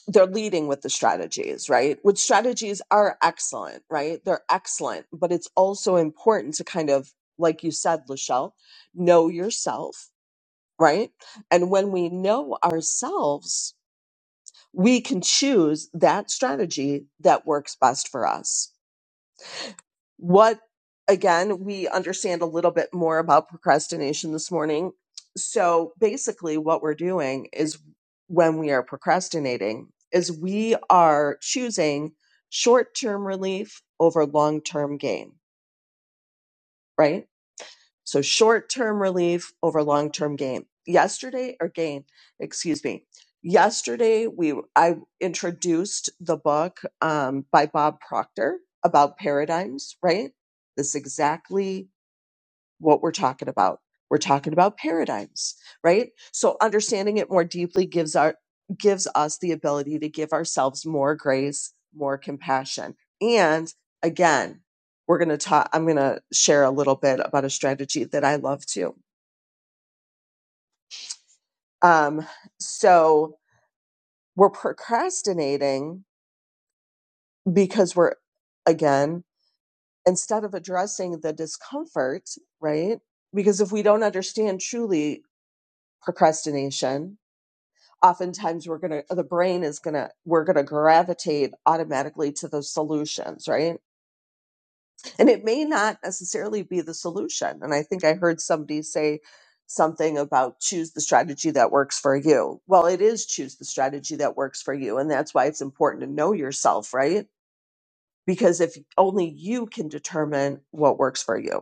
Speaker 6: they're leading with the strategies, right? Which strategies are excellent, right? They're excellent, but it's also important to kind of, like you said, Lachelle, know yourself, right? And when we know ourselves, we can choose that strategy that works best for us. What, again, we understand a little bit more about procrastination this morning. So basically, what we're doing is when we are procrastinating, is we are choosing short term relief over long term gain, right? So short term relief over long term gain. Yesterday or gain, excuse me. Yesterday we I introduced the book um, by Bob Proctor about paradigms, right? This exactly what we're talking about. We're talking about paradigms, right? So understanding it more deeply gives our gives us the ability to give ourselves more grace, more compassion. And again, we're going to talk I'm going to share a little bit about a strategy that I love too. Um so we're procrastinating because we're again instead of addressing the discomfort, right? Because if we don't understand truly procrastination, oftentimes we're going to the brain is going to we're going to gravitate automatically to those solutions right and it may not necessarily be the solution and i think i heard somebody say something about choose the strategy that works for you well it is choose the strategy that works for you and that's why it's important to know yourself right because if only you can determine what works for you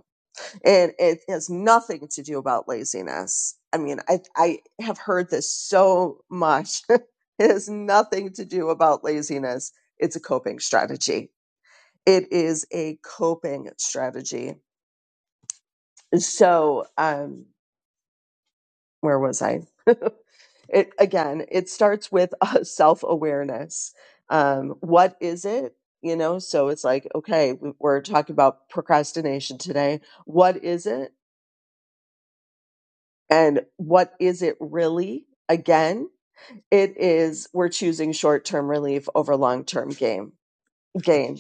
Speaker 6: and it has nothing to do about laziness. I mean, I I have heard this so much. it has nothing to do about laziness. It's a coping strategy. It is a coping strategy. So, um, where was I? It again. It starts with uh, self awareness. Um, what is it? You know. So it's like, okay, we- we're talking about procrastination today. What is it? And what is it really? Again, It is we're choosing short-term relief over long-term gain. gain.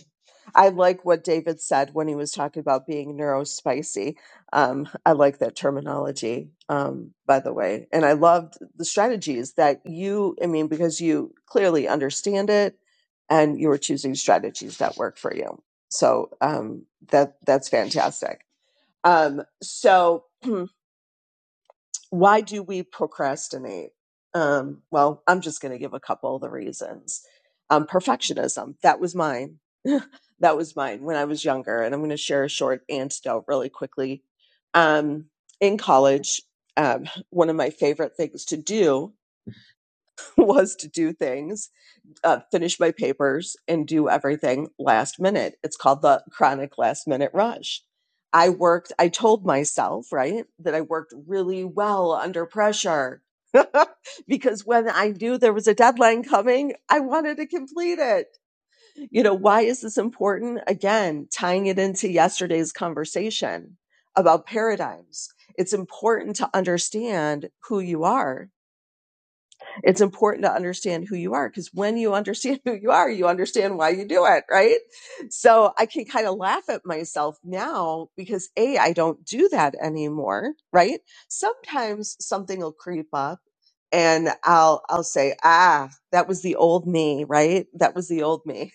Speaker 6: I like what David said when he was talking about being neurospicy. Um, I like that terminology, um, by the way. And I loved the strategies that you, I mean, because you clearly understand it and you were choosing strategies that work for you. So um, that that's fantastic. Um, so why do we procrastinate? Um, well, I'm just going to give a couple of the reasons. Um, perfectionism, that was mine. that was mine when I was younger. And I'm going to share a short antidote really quickly. Um, in college, um, one of my favorite things to do was to do things uh, finish my papers and do everything last minute. It's called the chronic last minute rush. I worked, I told myself, right, that I worked really well under pressure because when I knew there was a deadline coming, I wanted to complete it. You know, why is this important? Again, tying it into yesterday's conversation about paradigms. It's important to understand who you are it's important to understand who you are because when you understand who you are, you understand why you do it, right? So I can kind of laugh at myself now because A, I don't do that anymore, right? Sometimes something will creep up and I'll, I'll say, ah, that was the old me, right? That was the old me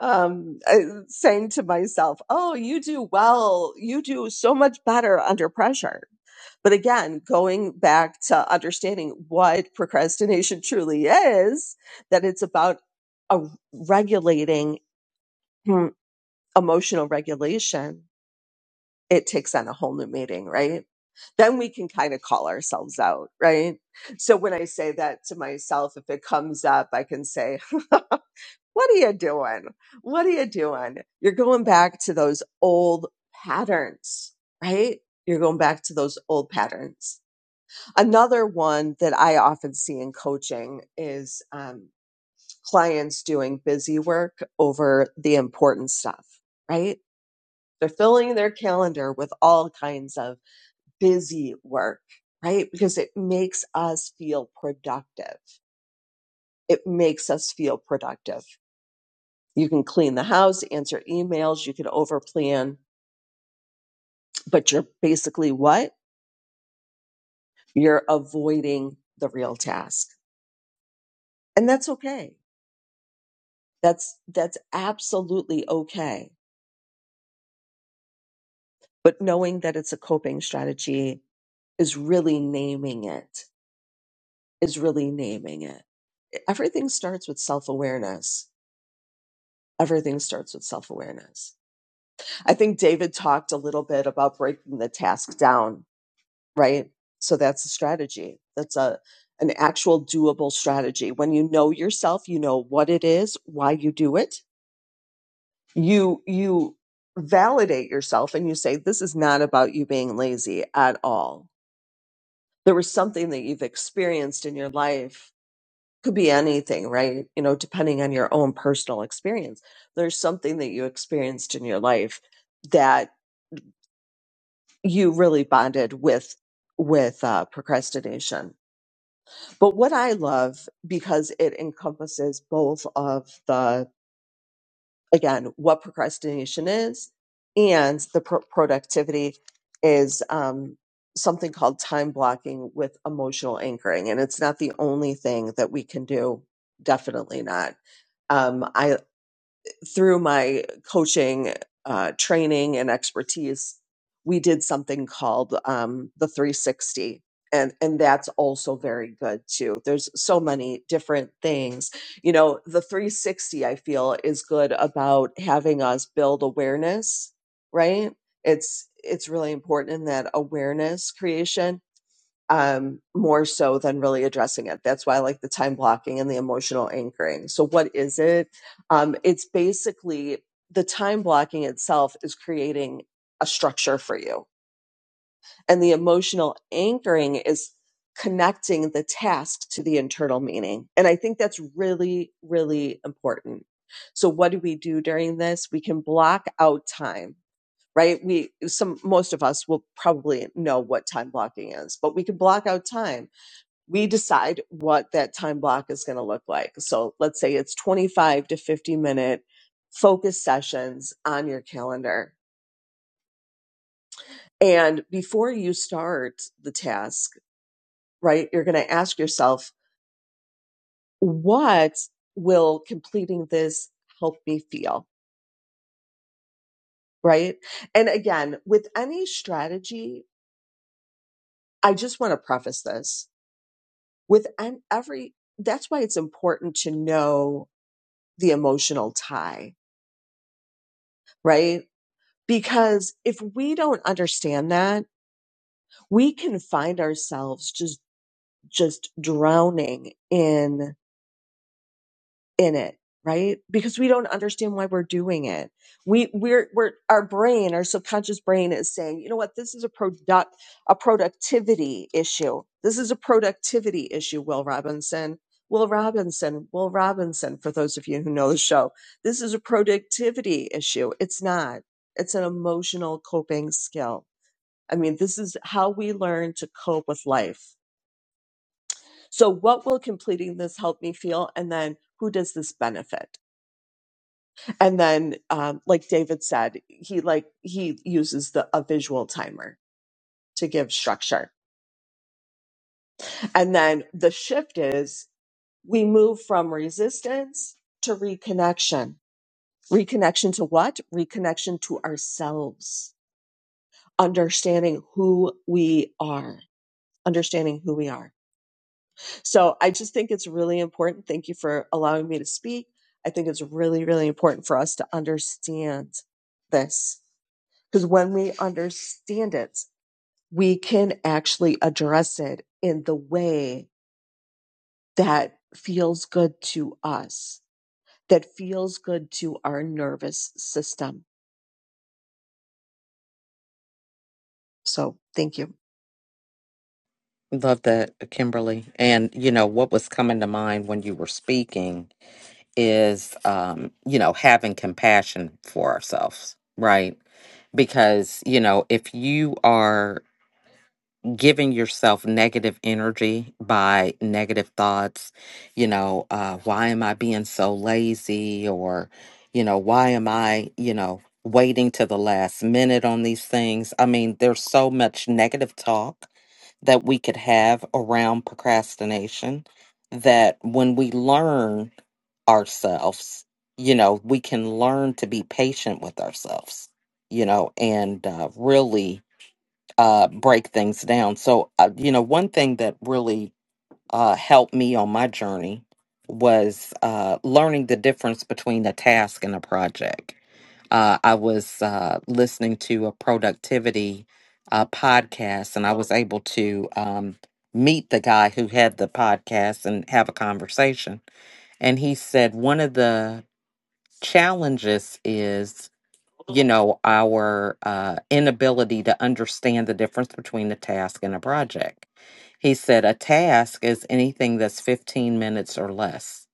Speaker 6: um, uh, saying to myself, "Oh, you do well. You do so much better under pressure." But again, going back to understanding what procrastination truly is, that it's about a regulating hmm, emotional regulation, it takes on a whole new meaning, right? Then we can kind of call ourselves out, right? So when I say that to myself, if it comes up, I can say, What are you doing? What are you doing? You're going back to those old patterns, right? You're going back to those old patterns. Another one that I often see in coaching is um, clients doing busy work over the important stuff, right? They're filling their calendar with all kinds of busy work, right? Because it makes us feel productive. It makes us feel productive. You can clean the house, answer emails, you can overplan, but you're basically what? You're avoiding the real task. And that's okay. That's that's absolutely okay. But knowing that it's a coping strategy is really naming it. Is really naming it. Everything starts with self-awareness. Everything starts with self-awareness. I think David talked a little bit about breaking the task down right? So that's a strategy. That's a an actual doable strategy. When you know yourself, you know what it is, why you do it. You you validate yourself and you say this is not about you being lazy at all. There was something that you've experienced in your life. Could be anything, right? You know, depending on your own personal experience. There's something that you experienced in your life that you really bonded with with uh, procrastination But what I love, because it encompasses both of the, again, what procrastination is and the pro- productivity, is um, something called time blocking with emotional anchoring. And it's not the only thing that we can do, definitely not. Um, I, through my coaching uh, training and expertise, we did something called um, the 360. And, and that's also very good too. There's so many different things. You know, the 360 I feel is good about having us build awareness, right? It's, it's really important in that awareness creation um, more so than really addressing it. That's why I like the time blocking and the emotional anchoring. So, what is it? Um, it's basically the time blocking itself is creating a structure for you, and the emotional anchoring is connecting the task to the internal meaning. And I think that's really, really important. So, what do we do during this? We can block out time right? We some most of us will probably know what time blocking is, but we can block out time we decide what that time block is going to look like. So let's say it's 25 to 50 minute focus sessions on your calendar. And before you start the task, right, you're going to ask yourself, what will completing this help me feel? Right. And again, with any strategy, I just want to preface this with every, that's why it's important to know the emotional tie right? because if we don't understand that we can find ourselves just just drowning in in it right because we don't understand why we're doing it we we're we're our brain our subconscious brain is saying you know what this is a product a productivity issue this is a productivity issue will robinson will robinson will robinson for those of you who know the show this is a productivity issue it's not it's an emotional coping skill I mean, this is how we learn to cope with life. So, what will completing this help me feel? And then, who does this benefit? And then, um, like David said, he like he uses the a visual timer to give structure. And then the shift is we move from resistance to reconnection. Reconnection to what? Reconnection to ourselves. Understanding who we are. Understanding who we are. So I just think it's really important. Thank you for allowing me to speak. I think it's really, really important for us to understand this because when we understand it, we can actually address it in the way that feels good to us, that feels good to our nervous system. So thank you.
Speaker 1: Love that, Kimberly. And, you know, what was coming to mind when you were speaking is, um, you know, having compassion for ourselves, right? Because, you know, if you are giving yourself negative energy by negative thoughts you know uh why am i being so lazy or you know why am i you know waiting to the last minute on these things i mean there's so much negative talk that we could have around procrastination that when we learn ourselves you know we can learn to be patient with ourselves you know and uh, really uh, break things down. So, uh, you know, one thing that really uh, helped me on my journey was uh, learning the difference between a task and a project. Uh, I was uh, listening to a productivity uh, podcast, and I was able to um, meet the guy who had the podcast and have a conversation. And he said one of the challenges is you know, our uh, inability to understand the difference between a task and a project. He said a task is anything that's 15 minutes or less,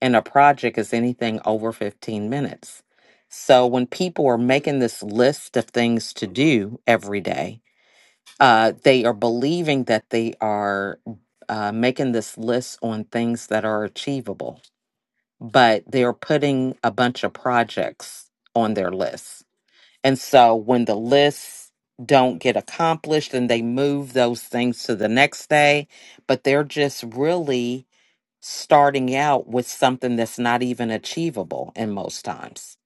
Speaker 1: and a project is anything over 15 minutes. So when people are making this list of things to do every day, uh, they are believing that they are uh, making this list on things that are achievable, but they're putting a bunch of projects on their list and so when the lists don't get accomplished and they move those things to the next day, but they're just really starting out with something that's not even achievable in most times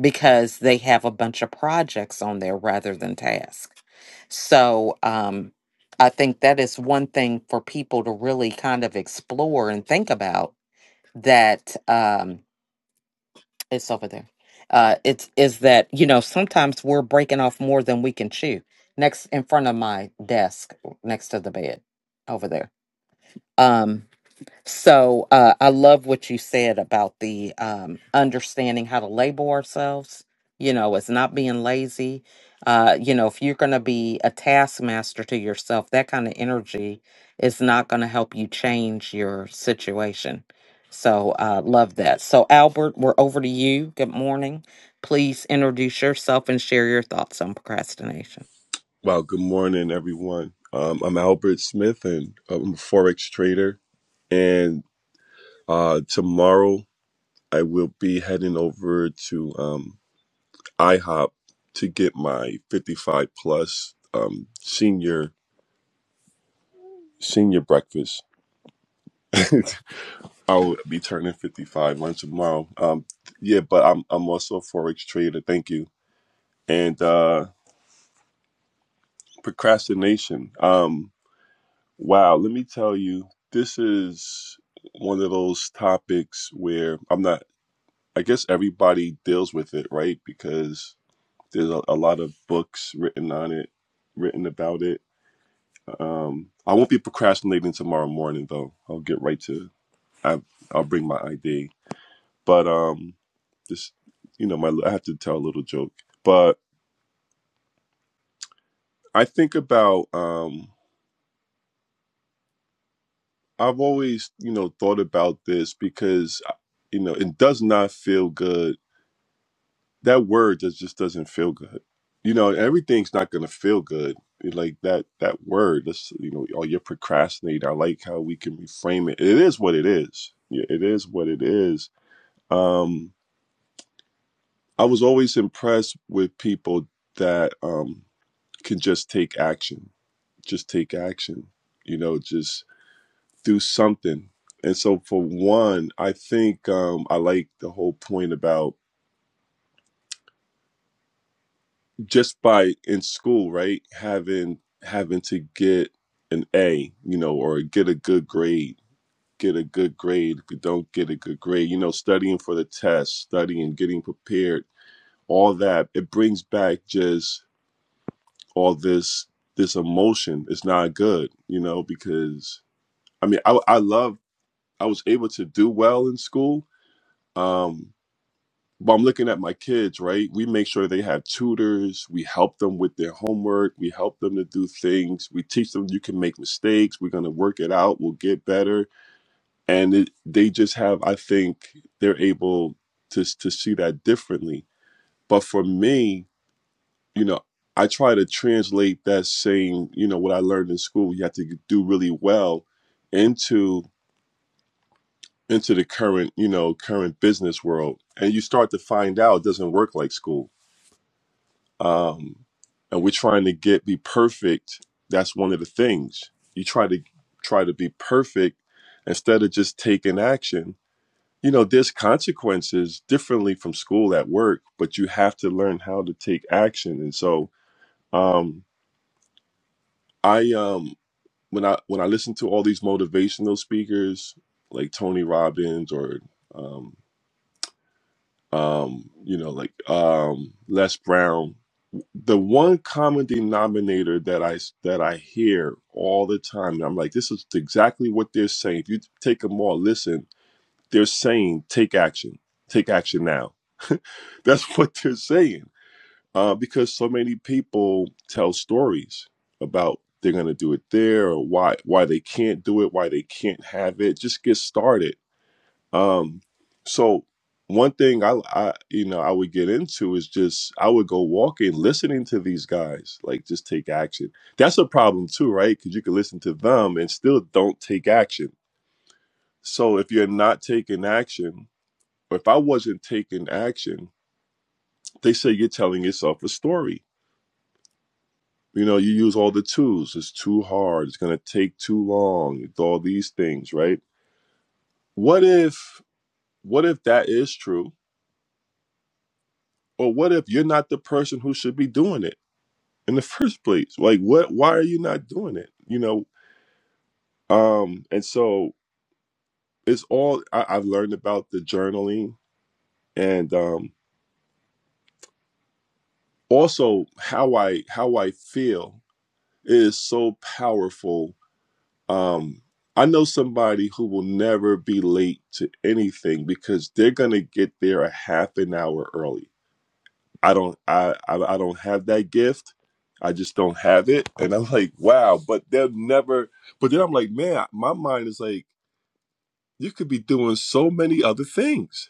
Speaker 1: because they have a bunch of projects on there rather than tasks. So um, I think that is one thing for people to really kind of explore and think about that. Um, it's over there. Uh, it's is that you know sometimes we're breaking off more than we can chew. Next in front of my desk, next to the bed, over there. Um, so uh, I love what you said about the um, understanding how to label ourselves. You know, as not being lazy. Uh, you know, if you're going to be a taskmaster to yourself, that kind of energy is not going to help you change your situation. So uh, love that. So Albert, we're over to you. Good morning. Please introduce yourself and share your thoughts on procrastination.
Speaker 8: Well, good morning, everyone. Um, I'm Albert Smith, and um, I'm a forex trader. And uh, tomorrow, I will be heading over to um, IHOP to get my 55 plus um, senior senior breakfast. I'll be turning 55 on tomorrow. Um, yeah, but I'm I'm also a forex trader. Thank you. And uh, procrastination. Um, Wow, let me tell you, this is one of those topics where I'm not, I guess everybody deals with it, right? Because there's a, a lot of books written on it, written about it. Um, I won't be procrastinating tomorrow morning, though. I'll get right to, I, I'll bring my ID. But um, this, you know, my I have to tell a little joke. But I think about, um, I've always, you know, thought about this because, you know, it does not feel good that word just just doesn't feel good. You know, everything's not gonna feel good. eh, Like that that word, that's you know, oh you're procrastinating. I like how we can reframe it. It is what it is. Yeah, it is what it is. Um, I was always impressed with people that um can just take action. Just take action. You know, just do something. And so for one, I think um I like the whole point about just by in school, right? Having having to get an A, you know, or get a good grade, get a good grade. If you don't get a good grade, you know, studying for the test, studying, getting prepared, all that, it brings back just all this this emotion. It's not good, you know, because I mean, I I love I was able to do well in school. Um, But I'm looking at my kids, right? We make sure they have tutors. We help them with their homework. We help them to do things. We teach them you can make mistakes. We're going to work it out. We'll get better. And it, they just have, I think, they're able to, to see that differently. But for me, you know, I try to translate that saying, you know, what I learned in school, you have to do really well into into the current, you know, current business world. And you start to find out it doesn't work like school um, and we're trying to get be perfect that's one of the things you try to try to be perfect instead of just taking action you know there's consequences differently from school at work but you have to learn how to take action and so um i um when i when i listen to all these motivational speakers like tony robbins or um um you know like um les brown the one common denominator that I that I hear all the time, and I'm like, this is exactly what they're saying. If you take them all, listen, they're saying take action, take action now. That's what they're saying, uh, because so many people tell stories about they're going to do it there or why why they can't do it, why they can't have it. Just get started um, so one thing I, I, you know, I would get into is just I would go walking, listening to these guys, like just take action. That's a problem too, right? Because you can listen to them and still don't take action. So if you're not taking action, or if I wasn't taking action, they say you're telling yourself a story. You know, you use all the tools. It's too hard. It's gonna take too long. All these things, right? What if, what if that is true? Or what if you're not the person who should be doing it in the first place? Like what why are you not doing it? You know? Um and so it's all I, I've learned about the journaling and um also how I how I feel is so powerful. Um I know somebody who will never be late to anything because they're gonna get there a half an hour early I don't I, I I don't have that gift. I just don't have it. And I'm like, wow, but they'll never but then I'm like, man, my mind is like, you could be doing so many other things,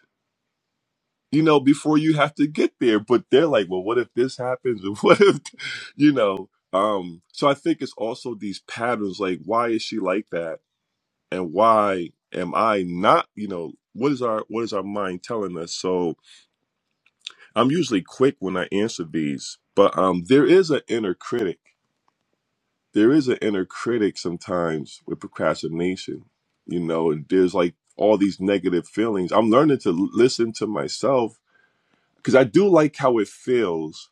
Speaker 8: you know, before you have to get there. But they're like, well, what if this happens? And what if you know? Um, so I think it's also these patterns, like why is she like that? And why am I not, you know, what is our what is our mind telling us? So I'm usually quick when I answer these, but um, there is an inner critic. There is an inner critic sometimes with procrastination, you know, and there's like all these negative feelings. I'm learning to l- listen to myself because I do like how it feels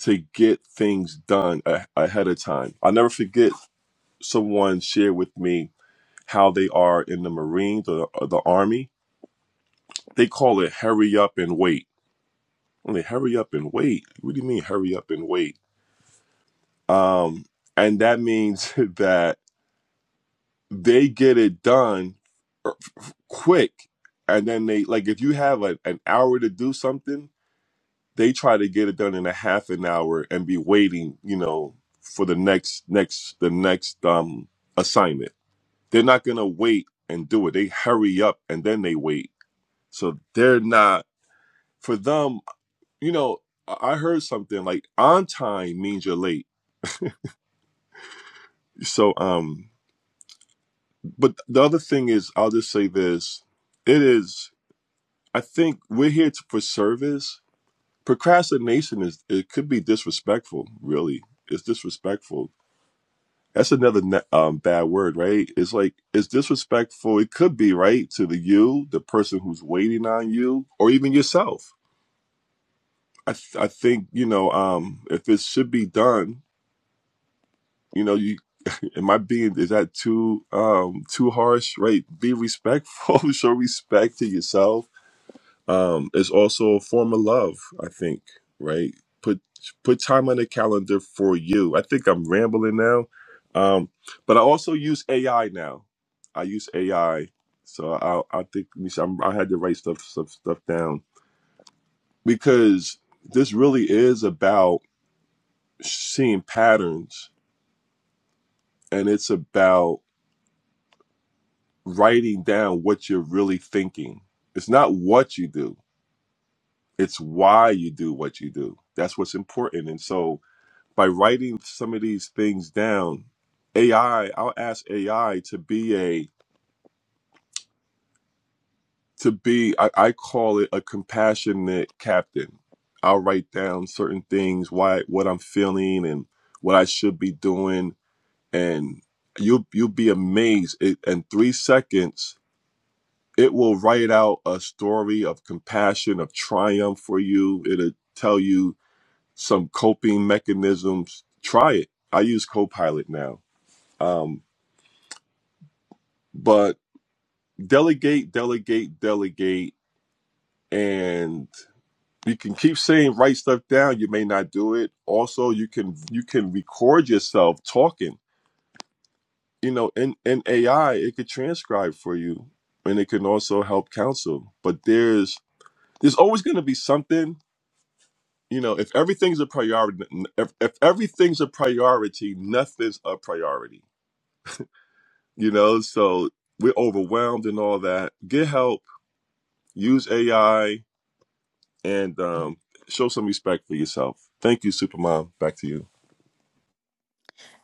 Speaker 8: to get things done a- ahead of time. I'll never forget someone shared with me how they are in the Marines or the, or the Army. They call it hurry up and wait. I'm like, hurry up and wait? What do you mean hurry up and wait? Um, and that means that they get it done er, quick. And then they, like, if you have a, an hour to do something, they try to get it done in a half an hour and be waiting, you know, for the next, next, the next um, assignment. They're not going to wait and do it. They hurry up and then they wait. So they're not, for them, you know, I I heard something like on time means you're late. So, um, But the other thing is, I'll just say this: it is. I think we're here to, for service. Procrastination is. It could be disrespectful. Really, it's disrespectful. That's another ne- um, bad word, right? It's like it's disrespectful. It could be right to the you, the person who's waiting on you, or even yourself. I th- I think you know um, if it should be done. You know, you am I being is that too um too harsh, right? Be respectful, show respect to yourself um it's also a form of love i think right put put time on the calendar for you i think i'm rambling now um but i also use ai now i use ai so i i think let me see, I'm, i had to write stuff, stuff stuff down because this really is about seeing patterns and it's about writing down what you're really thinking it's not what you do it's why you do what you do that's what's important and so by writing some of these things down ai i'll ask ai to be a to be i, I call it a compassionate captain i'll write down certain things why what i'm feeling and what i should be doing and you'll you'll be amazed it, in three seconds it will write out a story of compassion of triumph for you it'll tell you some coping mechanisms try it i use copilot now um, but delegate, delegate, delegate, and you can keep saying write stuff down. You may not do it. Also, you can you can record yourself talking. You know, in in AI, it could transcribe for you, and it can also help counsel. But there's there's always going to be something. You know, if everything's a priority, if, if everything's a priority, nothing's a priority. You know, so we're overwhelmed and all that. Get help. Use AI and um, show some respect for yourself. Thank you, Supermom. Back to you.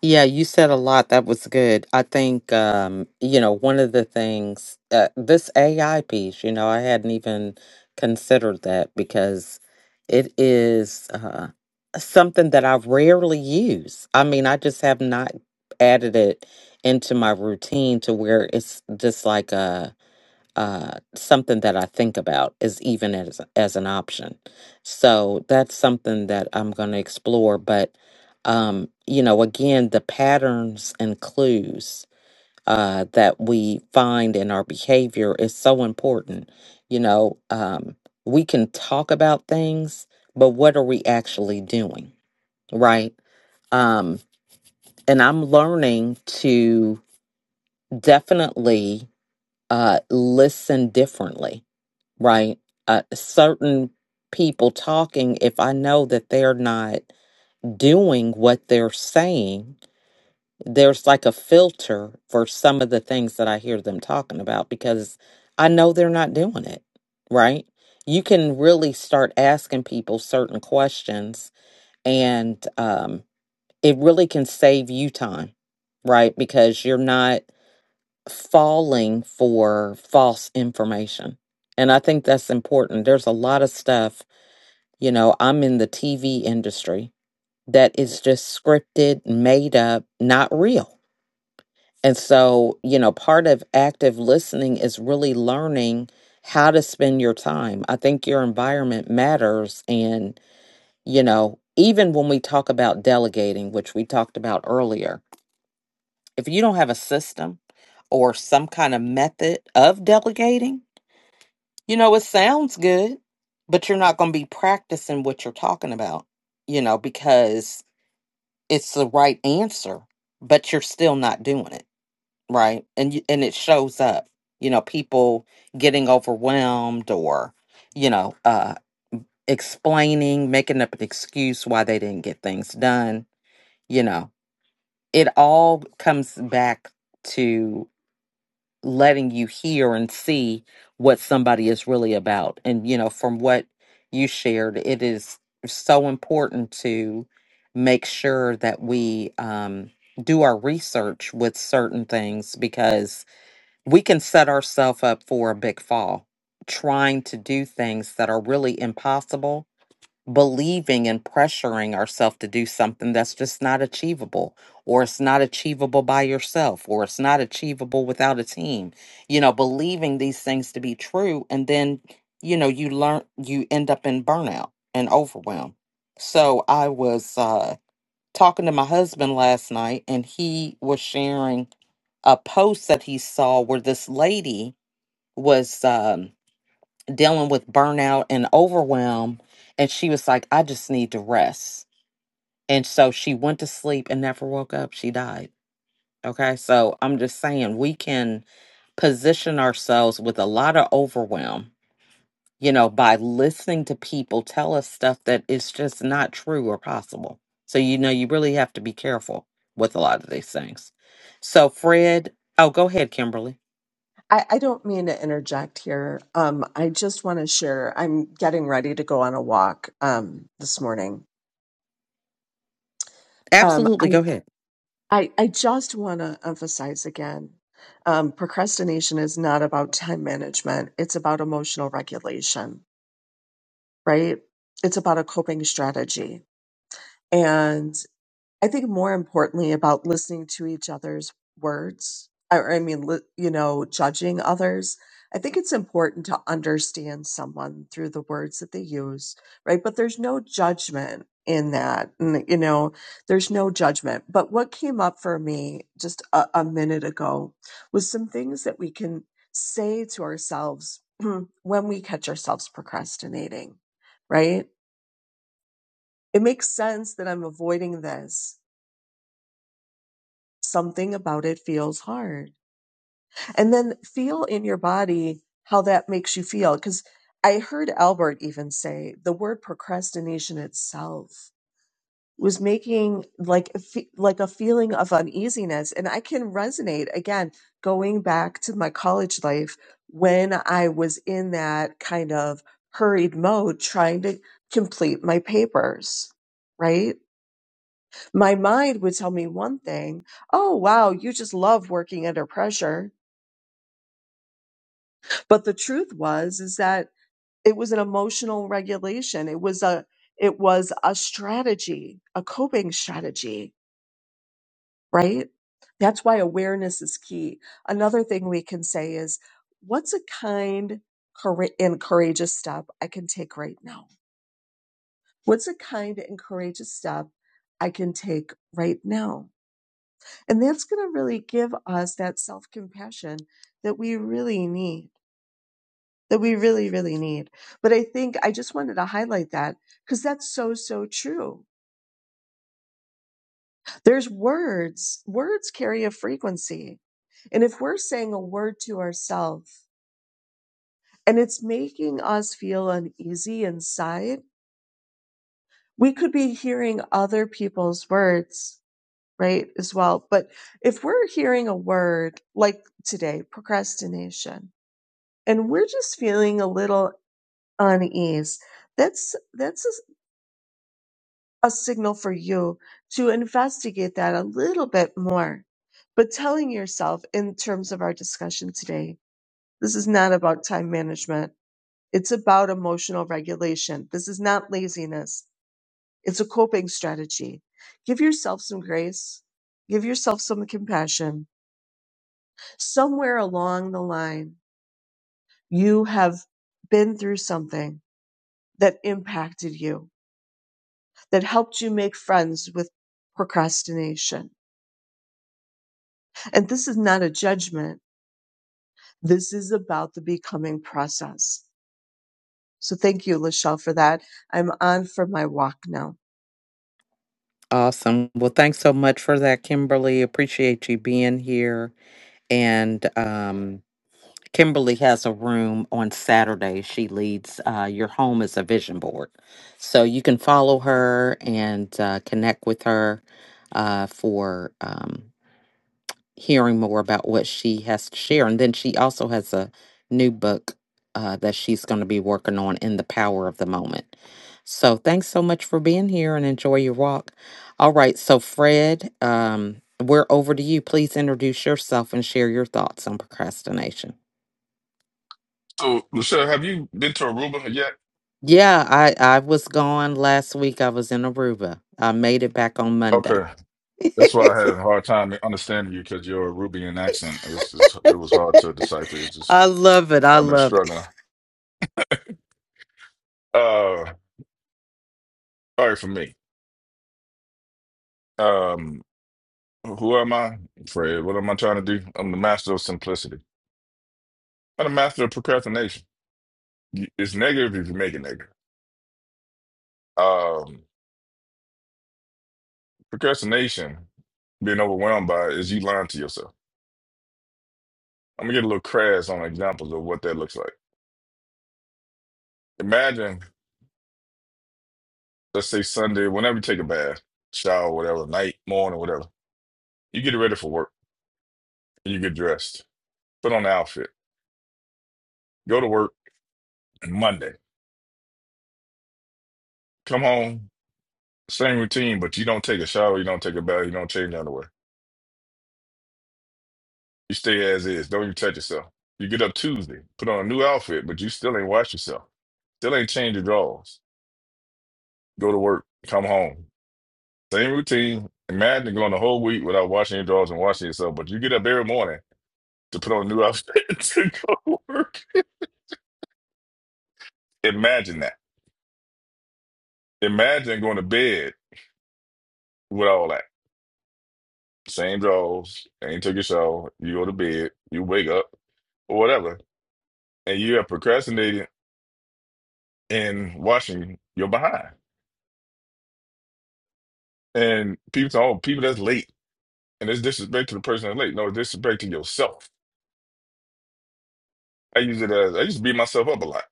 Speaker 1: Yeah, you said a lot. That was good. I think, um, you know, one of the things, uh, this AI piece, you know, I hadn't even considered that because it is uh, something that I rarely use. I mean, I just have not added it into my routine to where it's just like a, uh, something that I think about is even as as an option. So that's something that I'm going to explore. But um, you know, again, the patterns and clues uh, that we find in our behavior is so important. You know, um, we can talk about things, but what are we actually doing, right? um, and I'm learning to definitely uh, listen differently right? Uh, certain people talking, if I know that they're not doing what they're saying, there's like a filter for some of the things that I hear them talking about because I know they're not doing it, right? You can really start asking people certain questions, and um, it really can save you time, right? Because you're not falling for false information. And I think that's important. There's a lot of stuff, you know, I'm in the TV industry that is just scripted, made up, not real. And so, you know, part of active listening is really learning how to spend your time. I think your environment matters. And, you know, even when we talk about delegating, which we talked about earlier, if you don't have a system or some kind of method of delegating, You know, it sounds good, but you're not going to be practicing what you're talking about, you know, because it's the right answer, but you're still not doing it, right? And you, and it shows up, you know, people getting overwhelmed or, you know, uh explaining, making up an excuse why they didn't get things done, you know. It all comes back letting you hear and see what somebody is really about. And, you know, from what you shared, it is so important to make sure that we um, do our research with certain things because we can set ourselves up for a big fall trying to do things that are really impossible believing and pressuring ourselves to do something that's just not achievable or it's not achievable by yourself or it's not achievable without a team you know believing these things to be true and then you know you learn you end up in burnout and overwhelm so i was uh talking to my husband last night and he was sharing a post that he saw where this lady was um dealing with burnout and overwhelm. And she was like, I just need to rest. And so she went to sleep and never woke up. She died. Okay. So I'm just saying, we can position ourselves with a lot of overwhelm, you know, by listening to people tell us stuff that is just not true or possible. So, you know, you really have to be careful with a lot of these things. So, Fred, oh, go ahead, Kimberly.
Speaker 6: I, I don't mean to interject here. Um, I just want to share. I'm getting ready to go on a walk um, this morning. Um, I
Speaker 1: Absolutely. Go ahead.
Speaker 6: I, I just want to emphasize again um, procrastination is not about time management, it's about emotional regulation, right? It's about a coping strategy. And I think more importantly about listening to each other's words, or I mean, li- you know, judging others. I think it's important to understand someone through the words that they use, right? But there's no judgment in that. And, you know, there's no judgment. But what came up for me just a, a minute ago was some things that we can say to ourselves when we catch ourselves procrastinating, right? It makes sense that I'm avoiding this something about it feels hard. And then feel in your body how that makes you feel. Because I heard Albert even say the word procrastination itself was making like a fe- like a feeling of uneasiness and i can resonate again going back to my college life when i was in that kind of hurried mode trying to complete my papers right my mind would tell me one thing oh wow you just love working under pressure but the truth was is that it was an emotional regulation it was a it was a strategy a coping strategy right that's why awareness is key another thing we can say is what's a kind coura- and courageous step i can take right now what's a kind and courageous step i can take right now And that's going to really give us that self compassion that we really need, that we really, really need. But I think I just wanted to highlight that because that's so, so true. There's words, words carry a frequency. And if we're saying a word to ourselves and it's making us feel uneasy inside, we could be hearing other people's words, right? As well. But if we're hearing a word like today, procrastination, and we're just feeling a little unease, that's that's a a signal for you to investigate that a little bit more. But telling yourself in terms of our discussion today, this is not about time management. It's about emotional regulation. This is not laziness. It's a coping strategy. Give yourself some grace. Give yourself some compassion. Somewhere along the line, you have been through something that impacted you that helped you make friends with procrastination. And this is not a judgment. This is about the becoming process. So thank you, Lachelle, for that. I'm on for my walk now.
Speaker 1: Awesome. Well, thanks so much for that, Kimberly. Appreciate you being here. And um, Kimberly has a room on Saturday. She leads uh, Your Home is a Vision Board. So you can follow her and uh, connect with her uh, for. um, hearing more about what she has to share. And then she also has a new book uh, that she's going to be working on in the power of the moment. So thanks so much for being here and enjoy your walk. All right. So, Fred, um, we're over to you. Please introduce yourself and share your thoughts on procrastination.
Speaker 9: So, Lucille, have you been to Aruba yet?
Speaker 1: Yeah, I, I was gone last week. I was in Aruba. I made it back on Monday.
Speaker 9: Okay, that's why I had a hard time understanding you because your Arubian accent is, is it was hard to decipher. It's just
Speaker 1: I love it. I
Speaker 9: I've been
Speaker 1: love
Speaker 9: struggling. Uh, all right, for me, um, who am I, Fred? What am I trying to do? I'm the master of simplicity. I'm the master of procrastination. You- It's negative if you make it negative. Um, procrastination, being overwhelmed by, it, is you lying to yourself. I'm gonna get a little crass on examples of what that looks like. Imagine. let's say Sunday, whenever you take a bath, shower, whatever, night, morning, whatever, you get ready for work you get dressed, put on the outfit, go to work Monday, come home, same routine, but you don't take a shower, you don't take a bath, you don't change underwear. You stay as is, don't even touch yourself. You get up Tuesday, put on a new outfit, but you still ain't wash yourself, still ain't change your drawers. Go to work, come home, same routine. Imagine going the whole week without washing your drawers and washing yourself, but you get up every morning to put on a new outfit to go to work. Imagine that. Imagine going to bed with all that. Same drawers, ain't took your shower, you go to bed, you wake up, or whatever, and you have procrastinated in washing your behind. And people say, oh, people that's late. And it's disrespect to the person that's late. No, it's disrespect to yourself. I use it as I used to beat myself up a lot.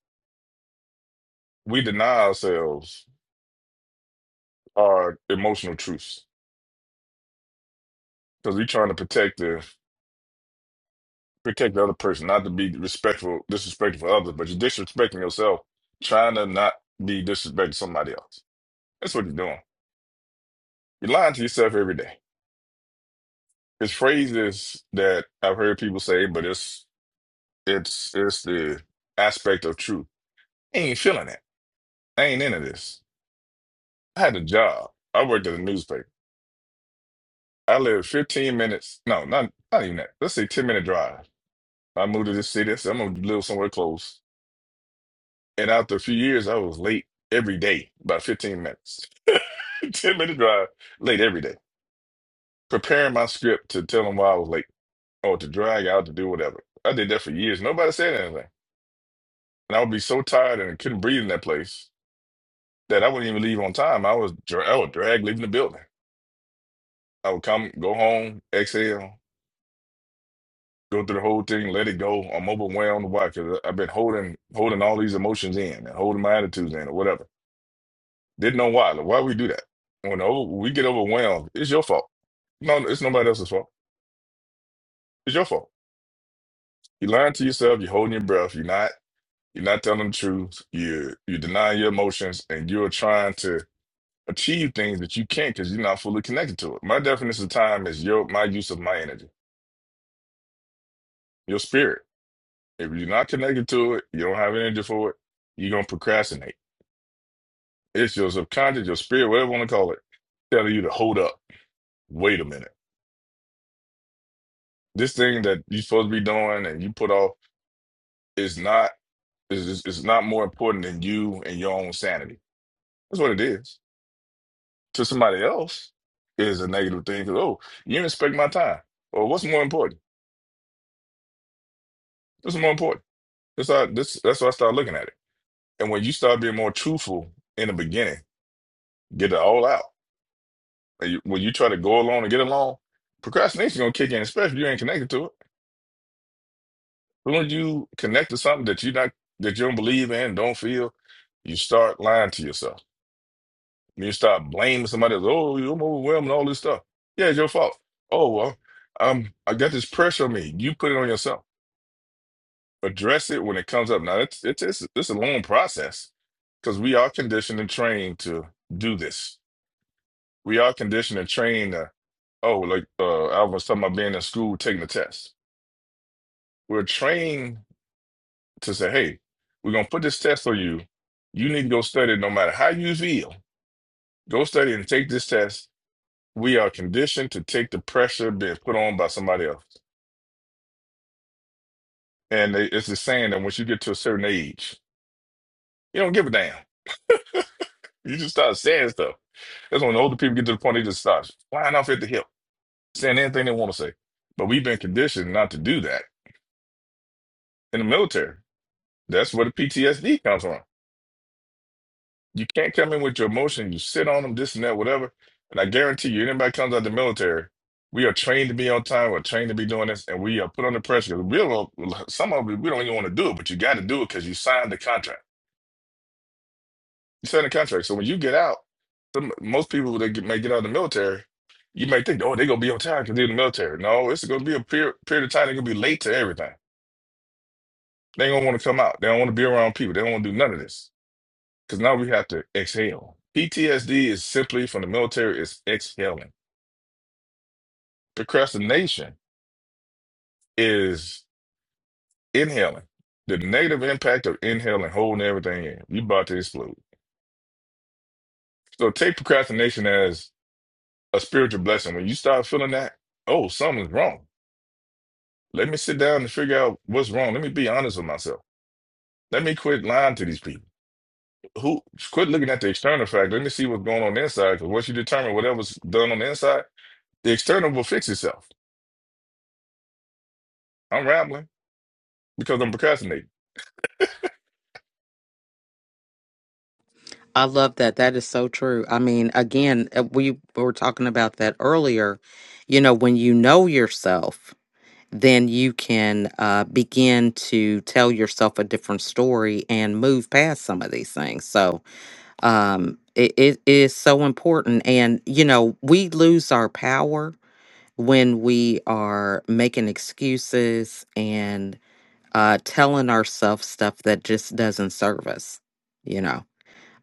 Speaker 9: We deny ourselves our emotional truths because we're trying to protect the protect the other person, not to be respectful, disrespectful for others, but you're disrespecting yourself, trying to not be disrespectful to somebody else. That's what you're doing. You're lying to yourself every day. It's phrases that I've heard people say, but it's it's it's the aspect of truth. I ain't feeling it. I ain't into this. I had a job. I worked at a newspaper. I lived 15 minutes. No, not not even that. Let's say 10 minute drive. I moved to this city. I said, I'm gonna live somewhere close. And after a few years, I was late every day, about 15 minutes. 10 minute drive, late every day. Preparing my script to tell them why I was late or to drag out to do whatever. I did that for years. Nobody said anything. And I would be so tired and couldn't breathe in that place that I wouldn't even leave on time. I was dra- I would drag leaving the building. I would come, go home, exhale, go through the whole thing, let it go. I'm overwhelmed. Why? Because I've been holding holding all these emotions in and holding my attitudes in or whatever. Didn't know why. Like, why we do that? When over, we get overwhelmed, it's your fault. No, no, it's nobody else's fault. It's your fault. You lying to yourself. You're holding your breath. You're not. You're not telling the truth. You you denying your emotions, and you're trying to achieve things that you can't because you're not fully connected to it. My definition of time is your my use of my energy, your spirit. If you're not connected to it, you don't have energy for it. You're gonna procrastinate. It's your subconscious, your spirit, whatever you want to call it, telling you to hold up. Wait a minute. This thing that you're supposed to be doing and you put off is not is is is not more important than you and your own sanity. That's what it is. To somebody else is a negative thing because oh, you didn't respect my time. Or what's more important? What's more important? That's how this that's how I start looking at it. And when you start being more truthful in the beginning, get it all out. And you- when you try to go along and get along, procrastination gonna kick in, especially if you ain't connected to it. When you connect to something that you not that you don't believe in, don't feel, you start lying to yourself When you start blaming somebody else, oh, you're overwhelmed and all this stuff. Yeah, it's your fault. Oh, well, um, I got this pressure on me. You put it on yourself. Address it when it comes up. Now, it's it's it's, it's a long process because we are conditioned and trained to do this. We are conditioned and trained to, oh, like uh, Alvin was talking about being in school taking the test. We're trained to say, hey, we're gonna put this test on you. You need to go study no matter how you feel. Go study and take this test we are conditioned to take the pressure being put on by somebody else. And they, it's the saying that once you get to a certain age, you don't give a damn. You just start saying stuff. That's when the older people get to the point they just start flying off at the hip, saying anything they want to say. But we've been conditioned not to do that in the military. That's where the PTSD comes from. You can't come in with your emotions. You sit on them, this and that, whatever. And I guarantee you, anybody comes out the military, we are trained to be on time. We're trained to be doing this, and we are put under pressure. We don't, some of it, we don't even want to do it, but you got to do it because you signed the contract. You signed the contract. So when you get out, some, most people that get, may get out of the military, you may think, oh, they're going to be on time because they're in the military. No, it's going to be a period, period of time. They're going to be late to everything. They don't want to come out. They don't want to be around people. They don't want to do none of this. Because now we have to exhale. PTSD is simply from the military is exhaling. Procrastination is inhaling. The negative impact of inhaling, holding everything in. You about to explode. So take procrastination as a spiritual blessing. When you start feeling that, oh, something's wrong. Let me sit down and figure out what's wrong. Let me be honest with myself. Let me quit lying to these people. Who quit looking at the external fact. Let me see what's going on inside. Because once you determine whatever's done on the inside, the external will fix itself. I'm rambling. because I'm procrastinating.
Speaker 1: I love that. That is so true. I mean, again, uh, we were talking about that earlier. You know, when you know yourself, then you can uh, begin to tell yourself a different story and move past some of these things. So um, it, it is so important. And, you know, we lose our power when we are making excuses and uh, telling ourselves stuff that just doesn't serve us, you know.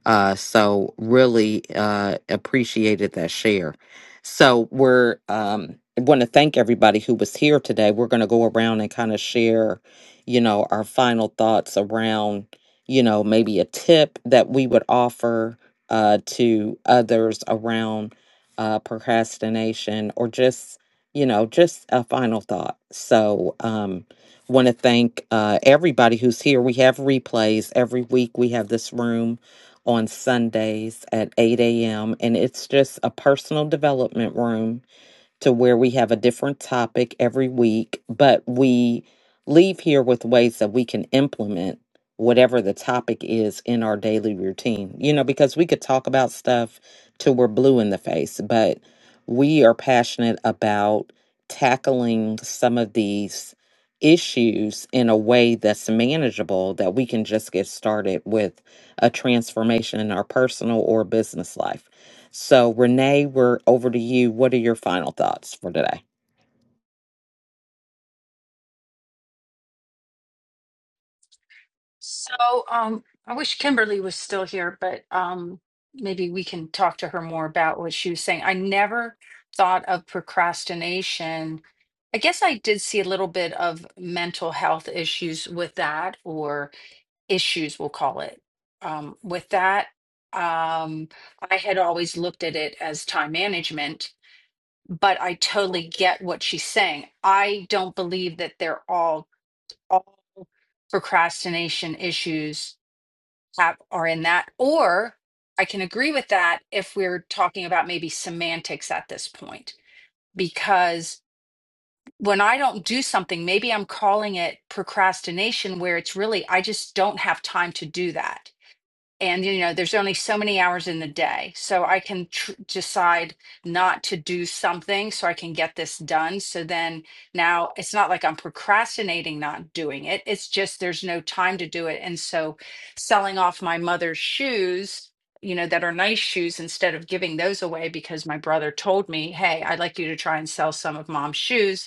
Speaker 1: Uh, so really uh, appreciated that share. So we're um, want to thank everybody who was here today. We're going to go around and kind of share, you know, our final thoughts around, you know, maybe a tip that we would offer uh, to others around uh, procrastination or just, you know, just a final thought. So um, want to thank uh, everybody who's here. We have replays every week. We have this room on Sundays at 8 a.m. And it's just a personal development room to where we have a different topic every week, but we leave here with ways that we can implement whatever the topic is in our daily routine. You know, because we could talk about stuff till we're blue in the face, but we are passionate about tackling some of these issues in a way that's manageable that we can just get started with a transformation in our personal or business life. So, Renee, we're over to you. What are your final thoughts for today?
Speaker 2: So, um, I wish Kimberly was still here, but um, maybe we can talk to her more about what she was saying. I never thought of procrastination. I guess I did see a little bit of mental health issues with that, or issues, we'll call it. Um, with that, um, I had always looked at it as time management, but I totally get what she's saying. I don't believe that they're all all procrastination issues have are in that or i can agree with that if we're talking about maybe semantics at this point because when i don't do something maybe i'm calling it procrastination where it's really i just don't have time to do that and you know there's only so many hours in the day so i can tr- decide not to do something so i can get this done so then now it's not like i'm procrastinating not doing it it's just there's no time to do it and so selling off my mother's shoes you know that are nice shoes instead of giving those away because my brother told me hey i'd like you to try and sell some of mom's shoes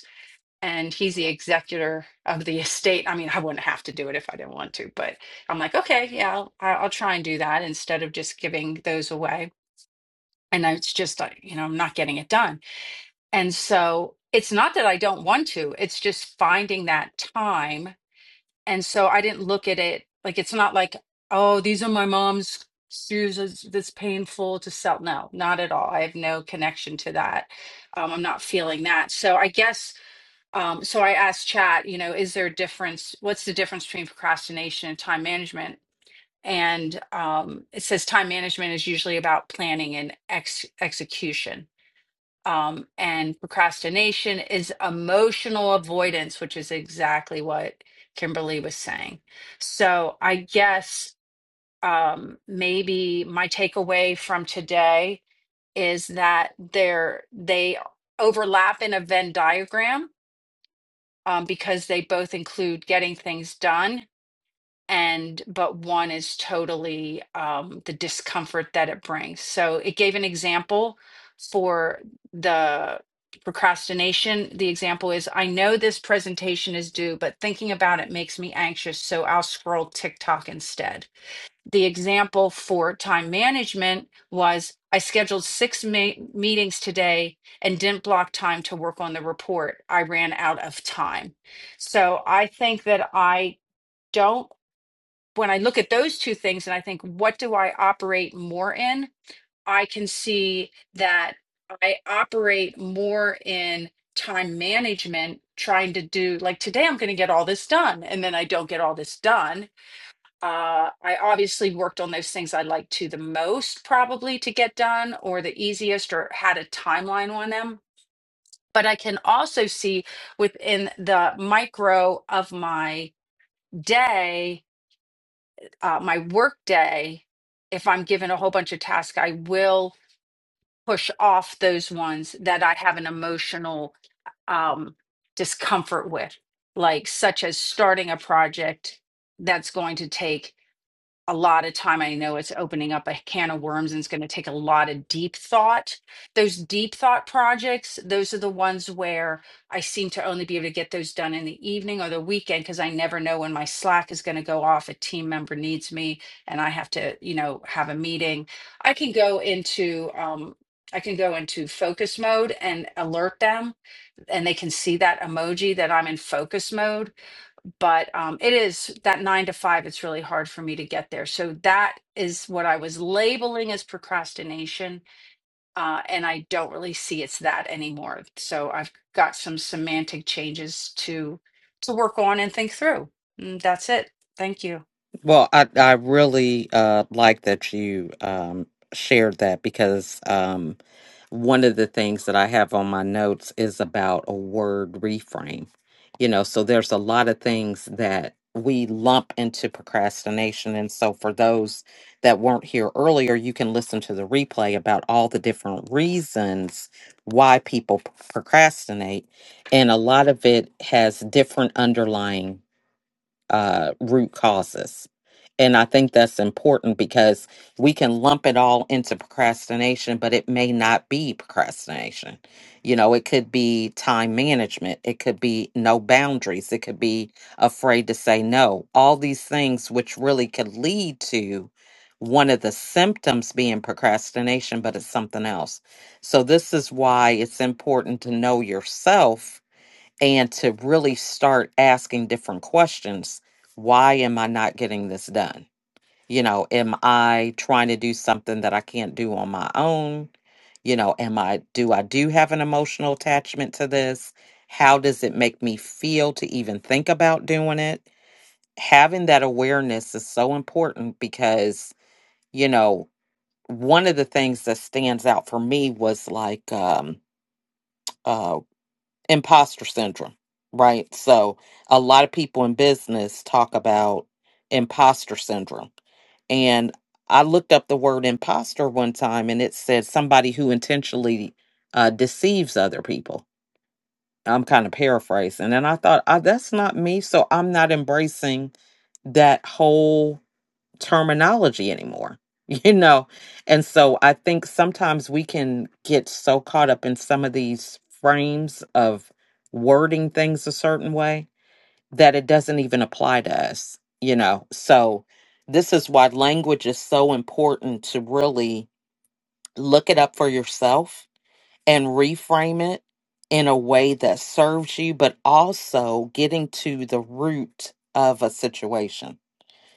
Speaker 2: and he's the executor of the estate. I mean, I wouldn't have to do it if I didn't want to, but I'm like, okay, yeah, I'll, I- I'll try and do that instead of just giving those away. And I- it's just, uh, you know, I'm not getting it done. And so it's not that I don't want to, it's just finding that time. And so I didn't look at it like it's not like, oh, these are my mom's shoes it's- that's painful to sell. No, not at all. I have no connection to that. Um, I'm not feeling that. So I guess um, so I asked Chat, you know, is there a difference? What's the difference between procrastination and time management? And um, it says time management is usually about planning and ex- execution. Um, and procrastination is emotional avoidance, which is exactly what Kimberly was saying. So I guess um, maybe my takeaway from today is that they're, they overlap in a Venn diagram um, because they both include getting things done and but one is totally um, the discomfort that it brings so it gave an example for the procrastination the example is i know this presentation is due but thinking about it makes me anxious so i'll scroll tiktok instead the example for time management was I scheduled six ma- meetings today and didn't block time to work on the report. I ran out of time. So I think that I don't, when I look at those two things and I think, what do I operate more in? I can see that I operate more in time management, trying to do like today, I'm going to get all this done. And then I don't get all this done uh, I obviously worked on those things I liked to the most, probably to get done or the easiest, or had a timeline on them. But I can also see within the micro of my day, uh, my work day, if I'm given a whole bunch of tasks, I will push off those ones that I have an emotional um, discomfort with, like such as starting a project that's going to take a lot of time. I know it's opening up a can of worms and it's going to take a lot of deep thought. Those deep thought projects, those are the ones where I seem to only be able to get those done in the evening or the weekend because I never know when my Slack is going to go off. A team member needs me and I have to, you know, have a meeting. I can go into, um, I can go into focus mode and alert them, and they can see that emoji that I'm in focus mode but um, it is that nine to five it's really hard for me to get there so that is what i was labeling as procrastination uh, and i don't really see it's that anymore so i've got some semantic changes to to work on and think through Mm, that's it thank you
Speaker 1: Well, I I really uh like that you um shared that because um one of the things that I have on my notes is about a word reframe. You know, so there's a lot of things that we lump into procrastination and so for those that weren't here earlier, you can listen to the replay about all the different reasons why people p- procrastinate and a lot of it has different underlying uh, root causes. And I think that's important because we can lump it all into procrastination, but it may not be procrastination. You know, it could be time management, it could be no boundaries, it could be afraid to say no. All these things, which really could lead to one of the symptoms being procrastination, but it's something else. So, this is why it's important to know yourself and to really start asking different questions. Why am I not getting this done? You know, am I trying to do something that I can't do on my own? You know, am I do I do have an emotional attachment to this? How does it make me feel to even think about doing it? Having that awareness is so important because, you know, one of the things that stands out for me was like um uh imposter syndrome, right? So a lot of people in business talk about imposter syndrome. And I looked up the word imposter one time and it said somebody who intentionally uh, deceives other people. I'm kind of paraphrasing. And I thought, oh, that's not me. So I'm not embracing that whole terminology anymore you know and so i think sometimes we can get so caught up in some of these frames of wording things a certain way that it doesn't even apply to us you know so this is why language is so important to really look it up for yourself and reframe it in a way that serves you but also getting to the root of a situation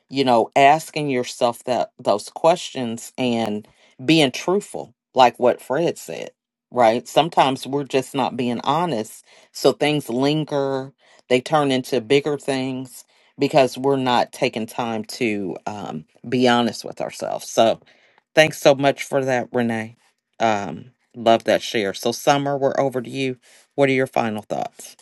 Speaker 1: you know, asking yourself that those questions and being truthful, like what Fred said, right? Sometimes we're just not being honest, so things linger, they turn into bigger things because we're not taking time to um, be honest with ourselves. So, thanks so much for that, Renee. Um, love that share. So, Summer, we're over to you. What are your final thoughts?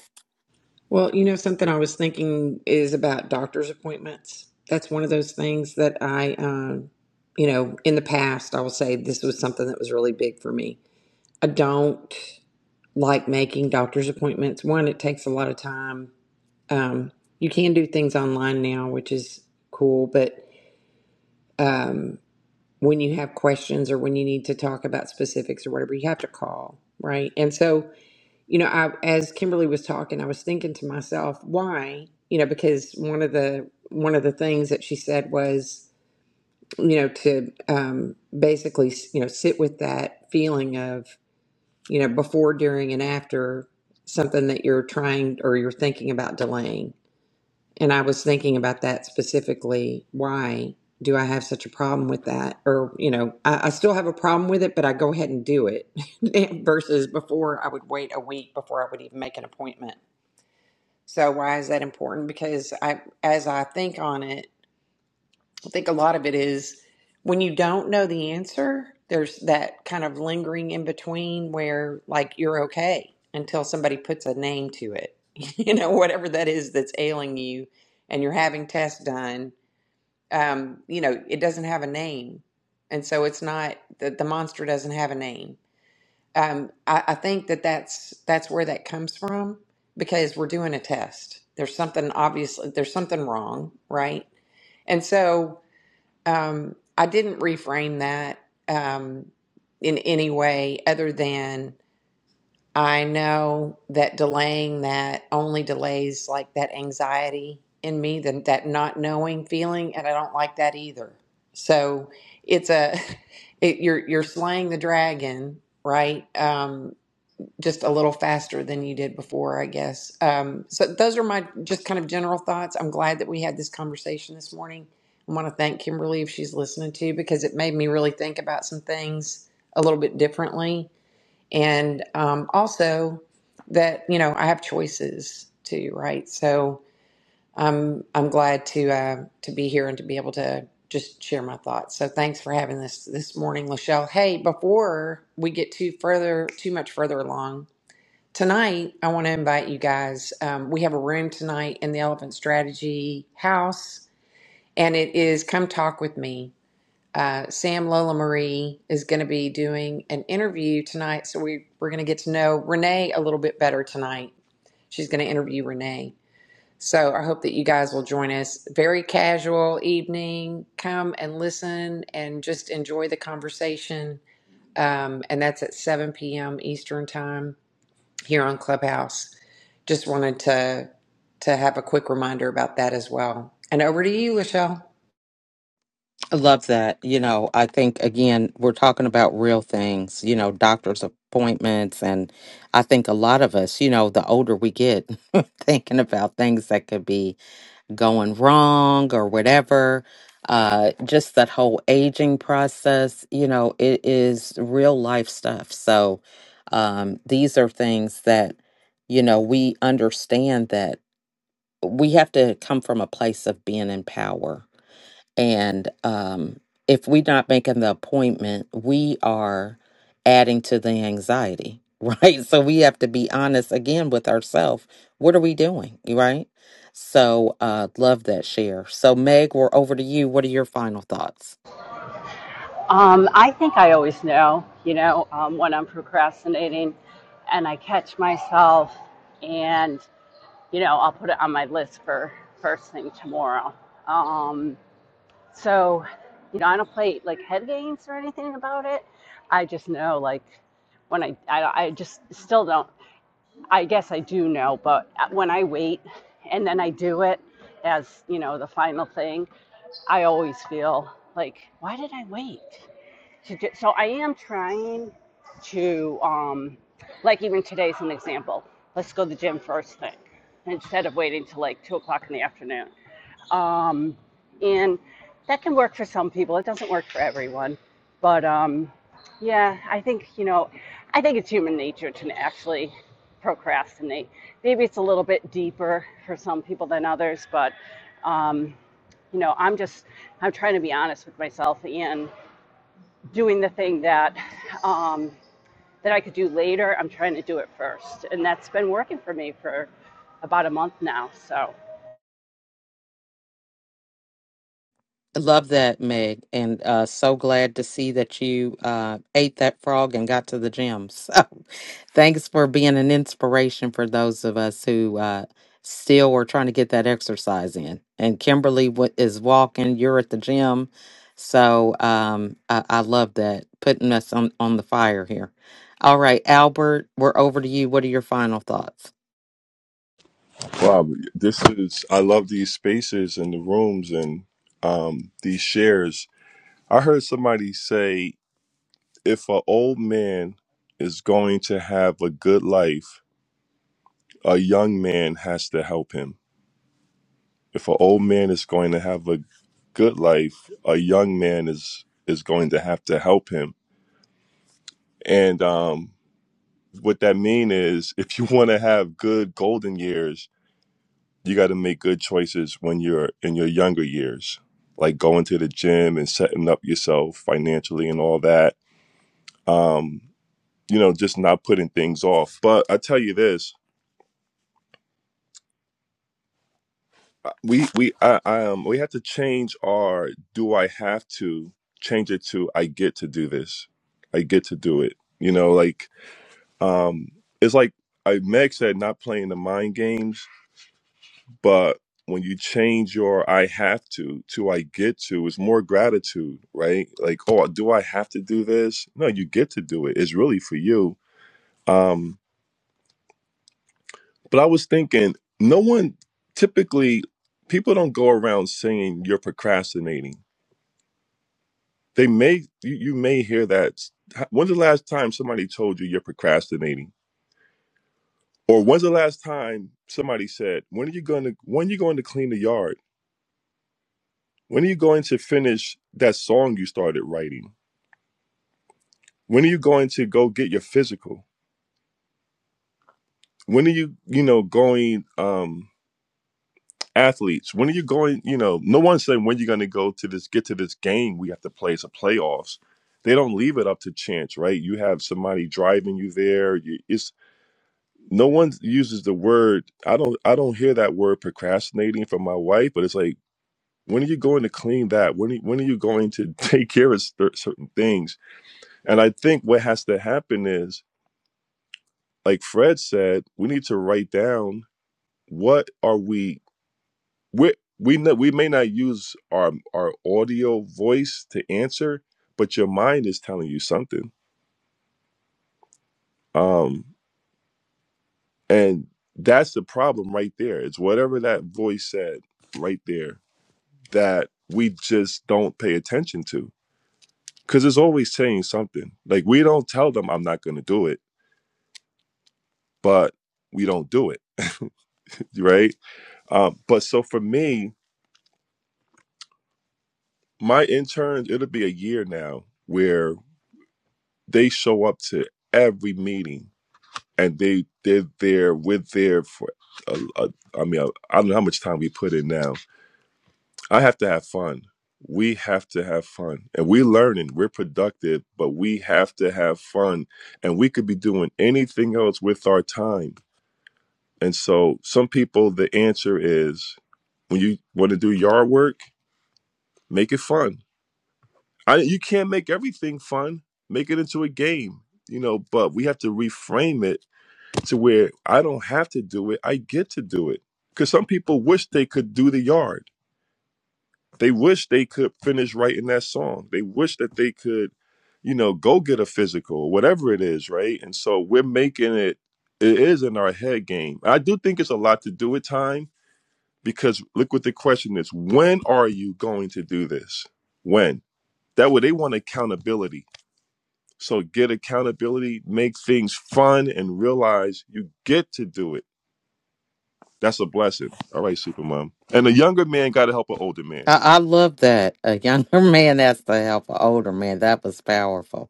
Speaker 3: Well, you know, something I was thinking is about doctor's appointments. That's one of those things that I, um, you know, in the past, I will say this was something that was really big for me. I don't like making doctor's appointments. One, it takes a lot of time. Um, you can do things online now, which is cool, but um, when you have questions or when you need to talk about specifics or whatever, you have to call, right? And so, you know, I, as Kimberly was talking, I was thinking to myself, why? You know, because one of the one of the things that she said was, you know, to um, basically, you know, sit with that feeling of, you know, before, during, and after something that you're trying or you're thinking about delaying. And I was thinking about that specifically. Why do I have such a problem with that? Or, you know, I, I still have a problem with it, but I go ahead and do it versus before I would wait a week before I would even make an appointment. So, why is that important? Because I, as I think on it, I think a lot of it is when you don't know the answer, there's that kind of lingering in between where like you're okay until somebody puts a name to it. You know, whatever that is that's ailing you and you're having tests done, um, you know, it doesn't have a name. And so it's not the, the monster doesn't have a name. Um, I, I think that that's that's where that comes from because we're doing a test. There's something obviously there's something wrong, right? And so um, I didn't reframe that um, in any way other than I know that delaying that only delays like that anxiety in me, that that not knowing feeling, and I don't like that either. So it's a it, you're you're slaying the dragon, right? Um, just a little faster than you did before, I guess. Um, so those are my just kind of general thoughts. I'm glad that we had this conversation this morning. I want to thank Kimberly if she's listening to because it made me really think about some things a little bit differently, and um, also that you know I have choices too, right? So I'm I'm glad to uh, to be here and to be able to just share my thoughts. So thanks for having this this morning, Lachelle. Hey, before we get too further too much further along, Tonight, I want to invite you guys. Um, we have a room tonight in the Elephant Strategy House, and it is Come Talk With Me. Uh, Sam Lola Marie is going to be doing an interview tonight, so we, we're going to get to know Renee a little bit better tonight. She's going to interview Renee. So I hope that you guys will join us. Very casual evening. Come and listen and just enjoy the conversation. Um, and that's at 7 p.m. Eastern Time here on Clubhouse. Just wanted to to have a quick reminder about that as well. And over to you, Lachelle.
Speaker 1: I love that. You know, I think again, we're talking about real things, you know, doctor's appointments. And I think a lot of us, you know, the older we get, thinking about things that could be going wrong or whatever. Uh, just that whole aging process, you know, it is real life stuff. So, um, these are things that, you know, we understand that we have to come from a place of being in power and um, if we're not making the appointment, we are adding to the anxiety, right? So we have to be honest again with ourselves. What are we doing, right? So uh, love that share. So Meg, we're over to you. What are your final thoughts?
Speaker 4: Um, I think I always know, you know, um, when I'm procrastinating and I catch myself and, you know, I'll put it on my list for first thing tomorrow. Um, so, you know, I don't play like head games or anything about it. I just know, like, when I, I, I just still don't, I guess I do know, but when I wait and then I do it as, you know, the final thing, I always feel like, why did I wait? to do, so I am trying to um like even today's an example. Let's go to the gym first thing instead of waiting till like two o'clock in the afternoon. Um and that can work for some people. It doesn't work for everyone. But um yeah, I think, you know, I think it's human nature to actually procrastinate. Maybe for, but um you know, I'm trying to be honest with myself and doing the thing that um, that I could do later. I'm trying to do it first. And that's been working for me for about a month now. So.
Speaker 1: I Love that, Meg, and uh, so glad to see that you uh, ate that frog and got to the gym. So, thanks for being an inspiration for those of us who uh, still are trying to get that exercise in. And Kimberly wa- is walking. You're at the gym, so um, I, I love that putting us on on the fire here. All right, Albert, we're over to you. What are your final thoughts?
Speaker 8: Wow, this is I love these spaces and the rooms and um, these shares. I heard somebody say if an old man is going to have a good life, a young man has to help him. If an old man is going to have a good life, a young man is is going to have to help him. And um, what that mean is, if you want to have good golden years, you got to make good choices when you're in your younger years, like going to the gym and setting up yourself financially and all that. Um, you know, just not putting things off. But I tell you this, uh, we we I, I um we have to change our do I have to change it to I get to do this. I get to do it. You know, like um it's like I Meg said not playing the mind games But when you change your I have to to I get to, it's more gratitude, right? Like, oh, do I have to do this? No, you get to do it. It's really for you. Um, but I was thinking, no one typically people don't go around saying you're procrastinating. They may you, you may hear that. When's the last time somebody told you you're procrastinating? Or when's the last time somebody said, When are you gonna when are you going to clean the yard? When are you going to finish that song you started writing? when are you going to go get your physical when are you you know going um athletes when are you going you know no one's saying when you're going to go to this get to this game we have to play it's a playoffs they don't leave it up to chance right you have somebody driving you there you, it's no one uses the word i don't i don't hear that word procrastinating from my wife but it's like when are you going to clean that when are, when are you going to take care of cer- certain things and i think what has to happen is like fred said we need to write down what are we we we know, we may not use our our audio voice to answer but your mind is telling you something um and that's the problem right there it's whatever that voice said right there that we just don't pay attention to cuz it's always saying something like we don't tell them I'm not going to do it but we don't do it right um but so for me my interns it'll be a year now where. they show up to every meeting and they they're there we're there for a, a, i mean I i don't know how much time we put in now i have to have fun we have to have fun and we're learning we're productive but we have to have fun and we could be doing anything else with our time and so some people the answer is when you want to do yard work make it fun I, you can't make everything fun make it into a game you know but we have to reframe it to where I don't have to do it. I get to do it. Because some people wish they could do the yard. They wish they could finish writing that song. They wish that they could, you know, go get a physical or whatever it is, right? And so we're making it, it is in our head game. I do think it's a lot to do with time because look what the question is when are you going to do this? When? That way they want accountability. So get accountability, make things fun, and realize you get to do it That's a blessing. All right, Supermom. And a younger man got to help an older man.
Speaker 1: I, I love that a younger man asked to help an older man. That was powerful.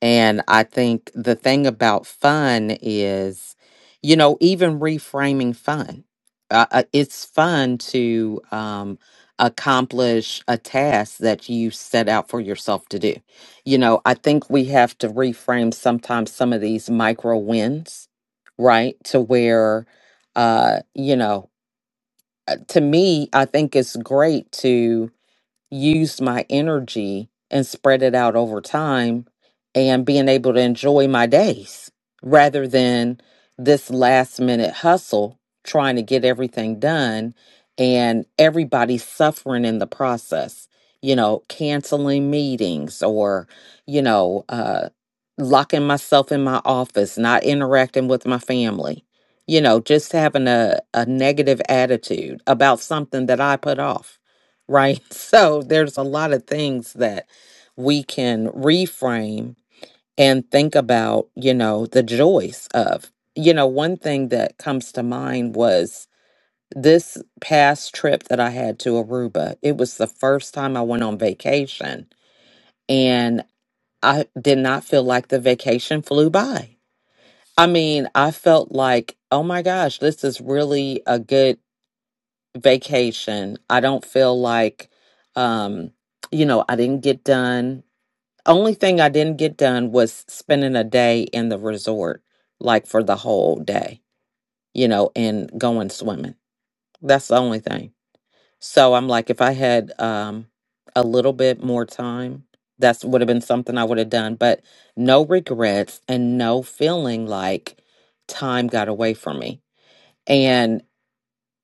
Speaker 1: And I think the thing about fun is, you know, even reframing fun. Uh, uh, it's fun to um, accomplish a task that you set out for yourself to do. You know, I think we have to reframe sometimes some of these micro wins, right? To where, uh, you know, uh, to me, I think it's great to used my energy and spread it out over time and being able to enjoy my days rather than this last minute hustle trying to get everything done and everybody suffering in the process you know canceling meetings or you know uh locking myself in my office not interacting with my family you know just having a, a negative attitude about something that i put off right? So there's a lot of things that we can reframe and think about, you know, the joys of. You know, one thing that comes to mind was this past trip that I had to Aruba. It was the first time I went on vacation and I did not feel like the vacation flew by. I mean, I felt like, oh my gosh, this is really a good vacation. I don't feel like, um, you know, I didn't get done. Only thing I didn't get done was spending a day in the resort, like for the whole day, you know, and going swimming. That's the only thing. So I'm like, if I had um, a little bit more time, that's would have been something I would have done. But no regrets and no feeling like time got away from me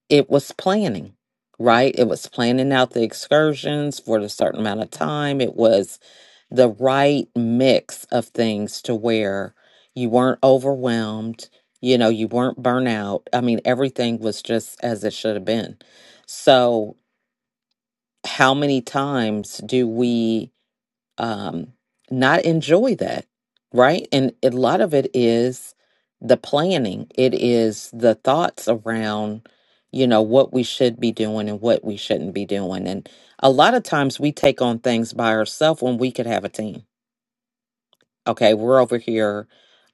Speaker 1: it was planning, right? It was planning out the excursions for a certain amount of time. It was the right mix of things to where you weren't overwhelmed, you know, you weren't burnout. I mean, everything was just as it should have been. So, how many times do we? um, not enjoy that, right? And a lot of it is the planning, it is the thoughts around, you know, what we should be doing and what we shouldn't be doing. And a lot of times we take on things by ourselves when we could have a team Okay, we're over here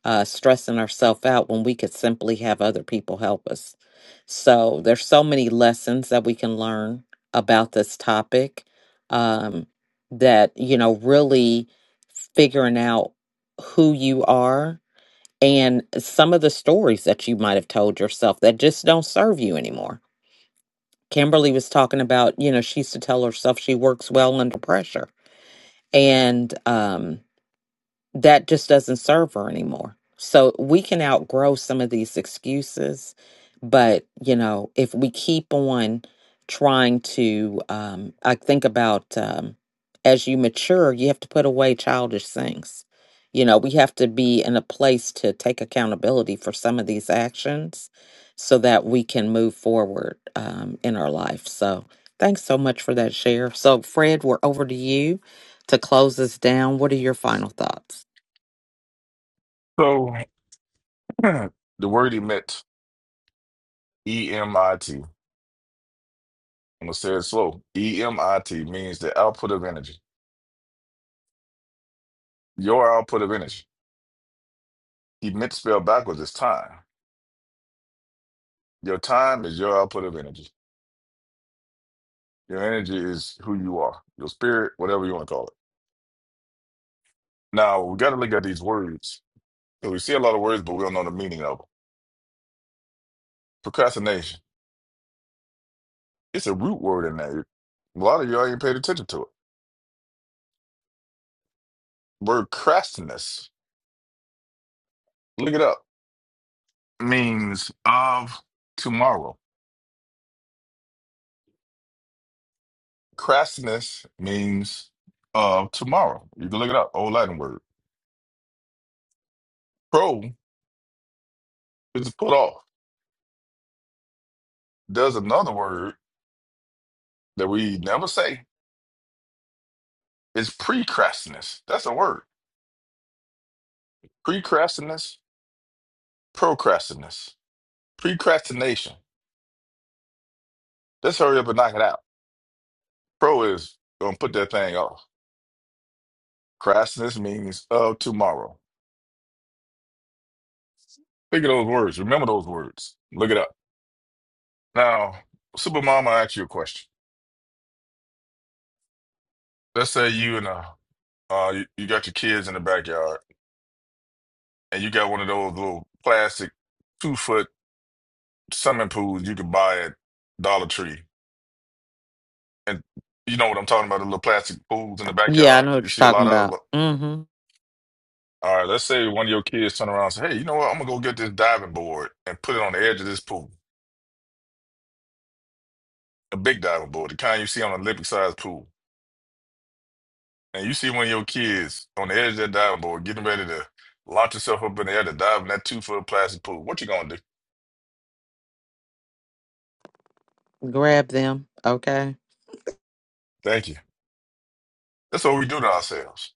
Speaker 1: uh, stressing ourselves out when we could simply have other people help us. So there's so many lessons that we can learn about this topic um, that, you know, really figuring out who you are and some of the stories that you might have told yourself that just don't serve you anymore. Kimberly was talking about, you know, she used to tell herself she works well under pressure. And, um, that just doesn't serve her anymore. So we can outgrow some of these excuses, but you know, if we keep on trying to, um, I think about um, as you mature, you have to put away childish things. You know, we have to be in a place to take accountability for some of these actions so that we can move forward um, in our life. So, thanks so much for that share. So, Fred, we're over to you to close us down. What are your final thoughts?
Speaker 9: So the word emit, E M I T. I'm gonna say it slow. E M I T means the output of energy. Your output of energy. Emit spelled backwards is time. Your time is your output of energy. Your energy is who you are. Your spirit, whatever you want to call it. Now we got to look at these words. So we see a lot of words, but we don't know the meaning of them. Procrastination. It's a root word in there. A lot of y'all ain't paid attention to it. Word crastiness. Look it up. Means of tomorrow. Crassiness means uh tomorrow. You can look it up, old Latin word. Pro is to put off. There's another word that we never say. It's precrastinus. That's a word. Precrastinus, procrastinus, procrastination. Let's hurry up and knock it out. Pro is gonna put that thing off. Crassiness means of tomorrow. Think of those words. Remember those words. Look it up. Now, Supermama, I ask you a question. Let's say you and uh, uh you, you got your kids in the backyard and you got one of those little plastic two foot swimming pools you could buy at Dollar Tree. And you know what I'm talking about, the little plastic pools in the
Speaker 1: Yeah, I
Speaker 9: backyard.
Speaker 1: know what
Speaker 9: You
Speaker 1: you're
Speaker 9: see a
Speaker 1: talking
Speaker 9: lot of
Speaker 1: about.
Speaker 9: 'em.
Speaker 1: Mm-hmm.
Speaker 9: All right, let's say one of your kids turn around and say, Hey, you know what? I'm gonna go get this diving board and put it on the edge of this pool. A big diving board, the kind you see on an Olympic sized pool. And you see one of your kids on the edge of that diving board getting ready to launch herself up in the air to dive in that two foot plastic pool. What you gonna do?
Speaker 1: Grab them. Okay.
Speaker 9: Thank you. That's what we do to ourselves.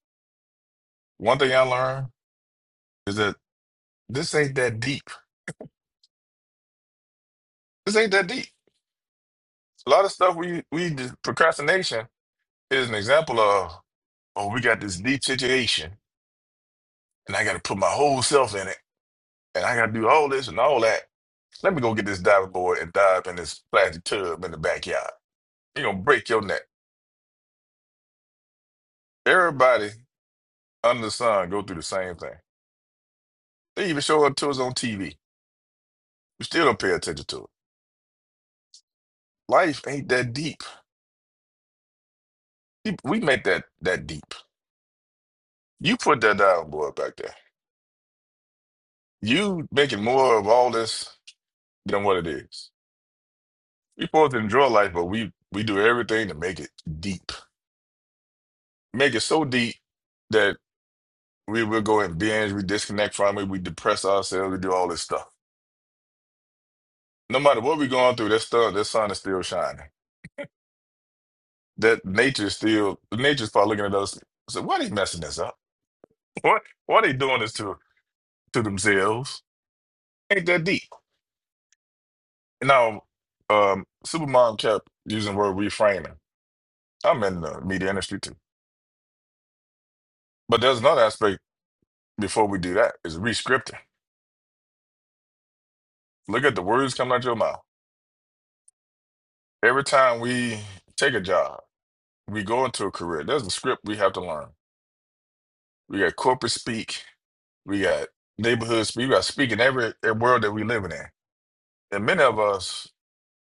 Speaker 9: One thing I learned is that This ain't that deep. This ain't that deep. A lot of stuff we we just- procrastination is an example of. Oh, we got this deep situation, and I got to put my whole self in it, and I got to do all this and all that. Let me go get this diving board and dive in this plastic tub in the backyard. You're gonna break your neck. Everybody under the sun go through the same thing. They even show up to us on TV. We still don't pay attention to it. Life ain't that deep. We we make that that deep. You put that diving board back there. You making more of all this than what it is. We're supposed to enjoy life, but we we do everything to make it deep, make it so deep that we will go and binge, we disconnect from it, we depress ourselves, we do all this stuff. No matter what we're going through, that sun, that sun is still shining. That nature is still nature's probably looking at us. So why they messing this up? What why why they doing this to to themselves? Ain't that deep? Now, um, Supermom kept using the word reframing. I'm in the media industry too, but there's another aspect before we do that is rescripting Look at the words coming out your mouth. Every time we take a job, we go into a career. There's a script we have to learn. We got corporate speak. We got neighborhood speak. We got speak in every, every world that we living in. And many of us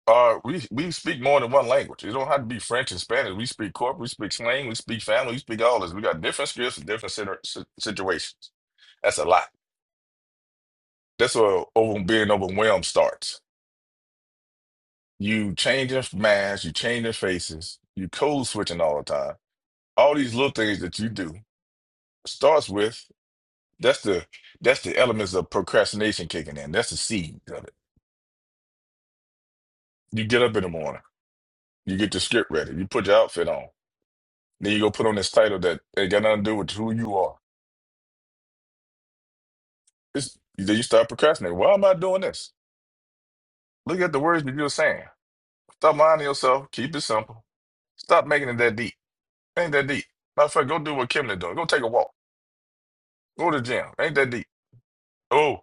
Speaker 9: are we we speak more than one language. It don't have to be French and Spanish. We speak corporate. We speak slang. We speak family. We speak all this. We got different skills for different situ- si- situations. That's a lot. That's where over being overwhelmed starts. You changing masks. You changing faces. You code switching all the time all these little things that you do starts with that's the that's the elements of procrastination kicking in. That's the seed of it. You get up in the morning, you get your script ready, you put your outfit on, then you go put on this title that ain't got nothing to do with who you are. It's then you start procrastinating. Why am I doing this? Look at the words that you're saying. Stop lying to yourself. Keep it simple. Stop making it that deep. Ain't that deep. Matter of fact, go do what Kimlin doing. Go take a walk. Go to the gym. Ain't that deep. Oh,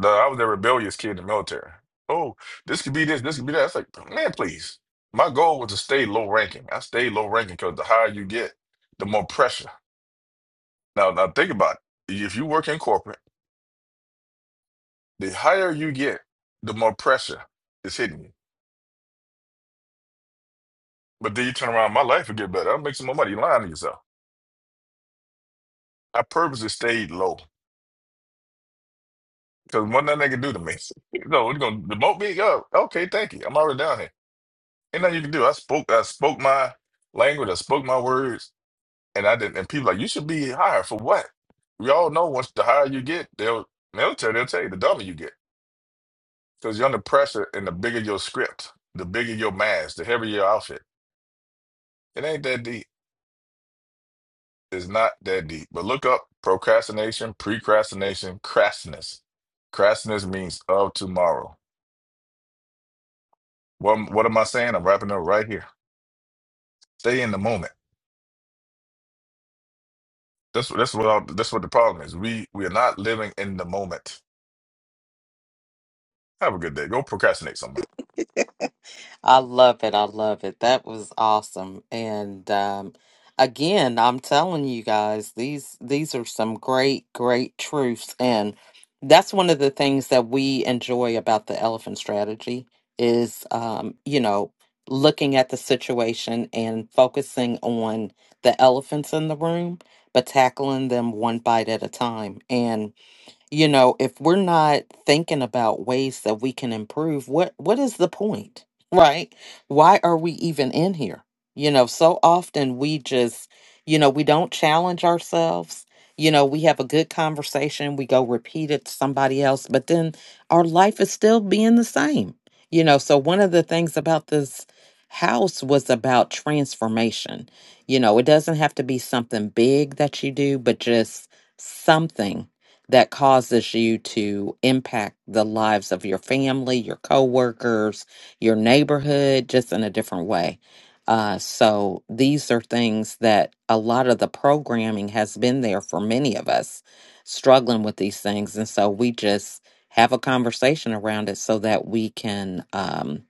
Speaker 9: the, I was a rebellious kid in the military. Oh, this could be this, this could be that. It's like, man, please. My goal was to stay low ranking. I stayed low ranking because the higher you get, the more pressure. Now, now think about it. If you work in corporate, the higher you get, the more pressure is hitting you. But then you turn around, my life would get better. I'll make some more money. You're lying to yourself. I purposely stayed low because what nothing they can do to me. No, you're gonna demote me? Oh, okay, thank you. I'm already down here. Ain't nothing you can do. I spoke, I spoke my language. I spoke my words and I didn't. And people like, you should be higher for what? We all know once the higher you get, they'll military they'll tell you the dumber you get because you're under pressure, and the bigger your script, the bigger your mask, the heavier your outfit. It ain't that deep. It's not that deep. But look up procrastination, precrastination, crassness. Crassness means of tomorrow. What what am I saying? I'm wrapping up right here. Stay in the moment. That's what that's what I, that's what the problem is. We we are not living in the moment. Have a good day. Go procrastinate somewhere.
Speaker 1: I love it. I love it. That was awesome. And um, again, I'm telling you guys, these these are some great, great truths. And that's one of the things that we enjoy about the elephant strategy is um, you know, looking at the situation and focusing on the elephants in the room, but tackling them one bite at a time. You know, if we're not thinking about ways that we can improve, what what is the point? Right? Why are we even in here? You know, so often we just, you know, we don't challenge ourselves. You know, we have a good conversation, we go repeat it to somebody else, but then our life is still being the same. You know, so one of the things about this house was about transformation. You know, it doesn't have to be something big that you do, but just something that causes you to impact the lives of your family, your coworkers, your neighborhood, just in a different way. Uh, so these are things that a lot of the programming has been there for many of us struggling with these things. And so we just have a conversation around it so that we can. Um,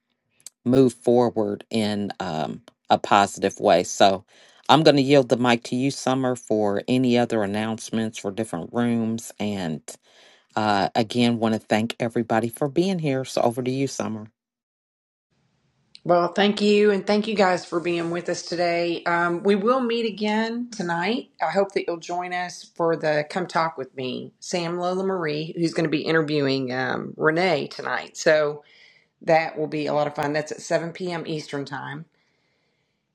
Speaker 1: move forward in um, a positive way. So I'm going to yield the mic to you, Summer, for any other announcements for different rooms. And uh, again, want to thank everybody for being here. So over to you, Summer.
Speaker 3: Well, thank you, and thank you guys for being with us today. Um, we will meet again tonight. I hope that you'll join us for the Come Talk with Me, Sam Lola Marie, who's going to be interviewing um, Renee tonight. So that will be a lot of fun. That's at 7 p.m. Eastern Time.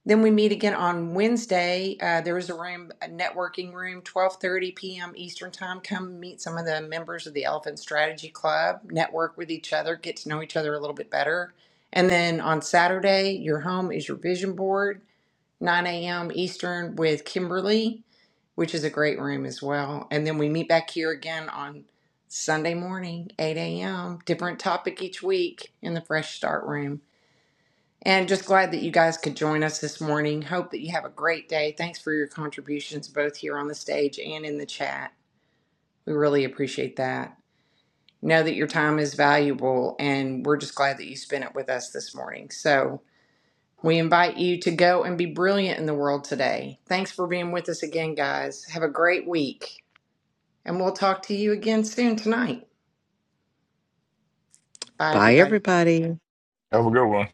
Speaker 3: Then we meet again on Wednesday. Uh, there is a room, a networking room, 12:30 p.m. Eastern Time. Come meet some of the members of the Elephant Strategy Club, network with each other, get to know each other a little bit better. And then on Saturday, your home is your vision board, 9 a.m. Eastern with Kimberly, which is a great room as well. And then we meet back here again on Sunday morning, 8 a.m. Different topic each week in the Fresh Start room. And just glad that you guys could join us this morning. Hope that you have a great day. Thanks for your contributions, both here on the stage and in the chat. We really appreciate that. Know that your time is valuable, and we're just glad that you spent it with us this morning. So, we invite you to go and be brilliant in the world today. Thanks for being with us again, guys. Have a great week, and we'll talk to you again soon tonight. Bye,
Speaker 1: Bye,
Speaker 3: everybody.
Speaker 1: everybody.
Speaker 9: Have a good one.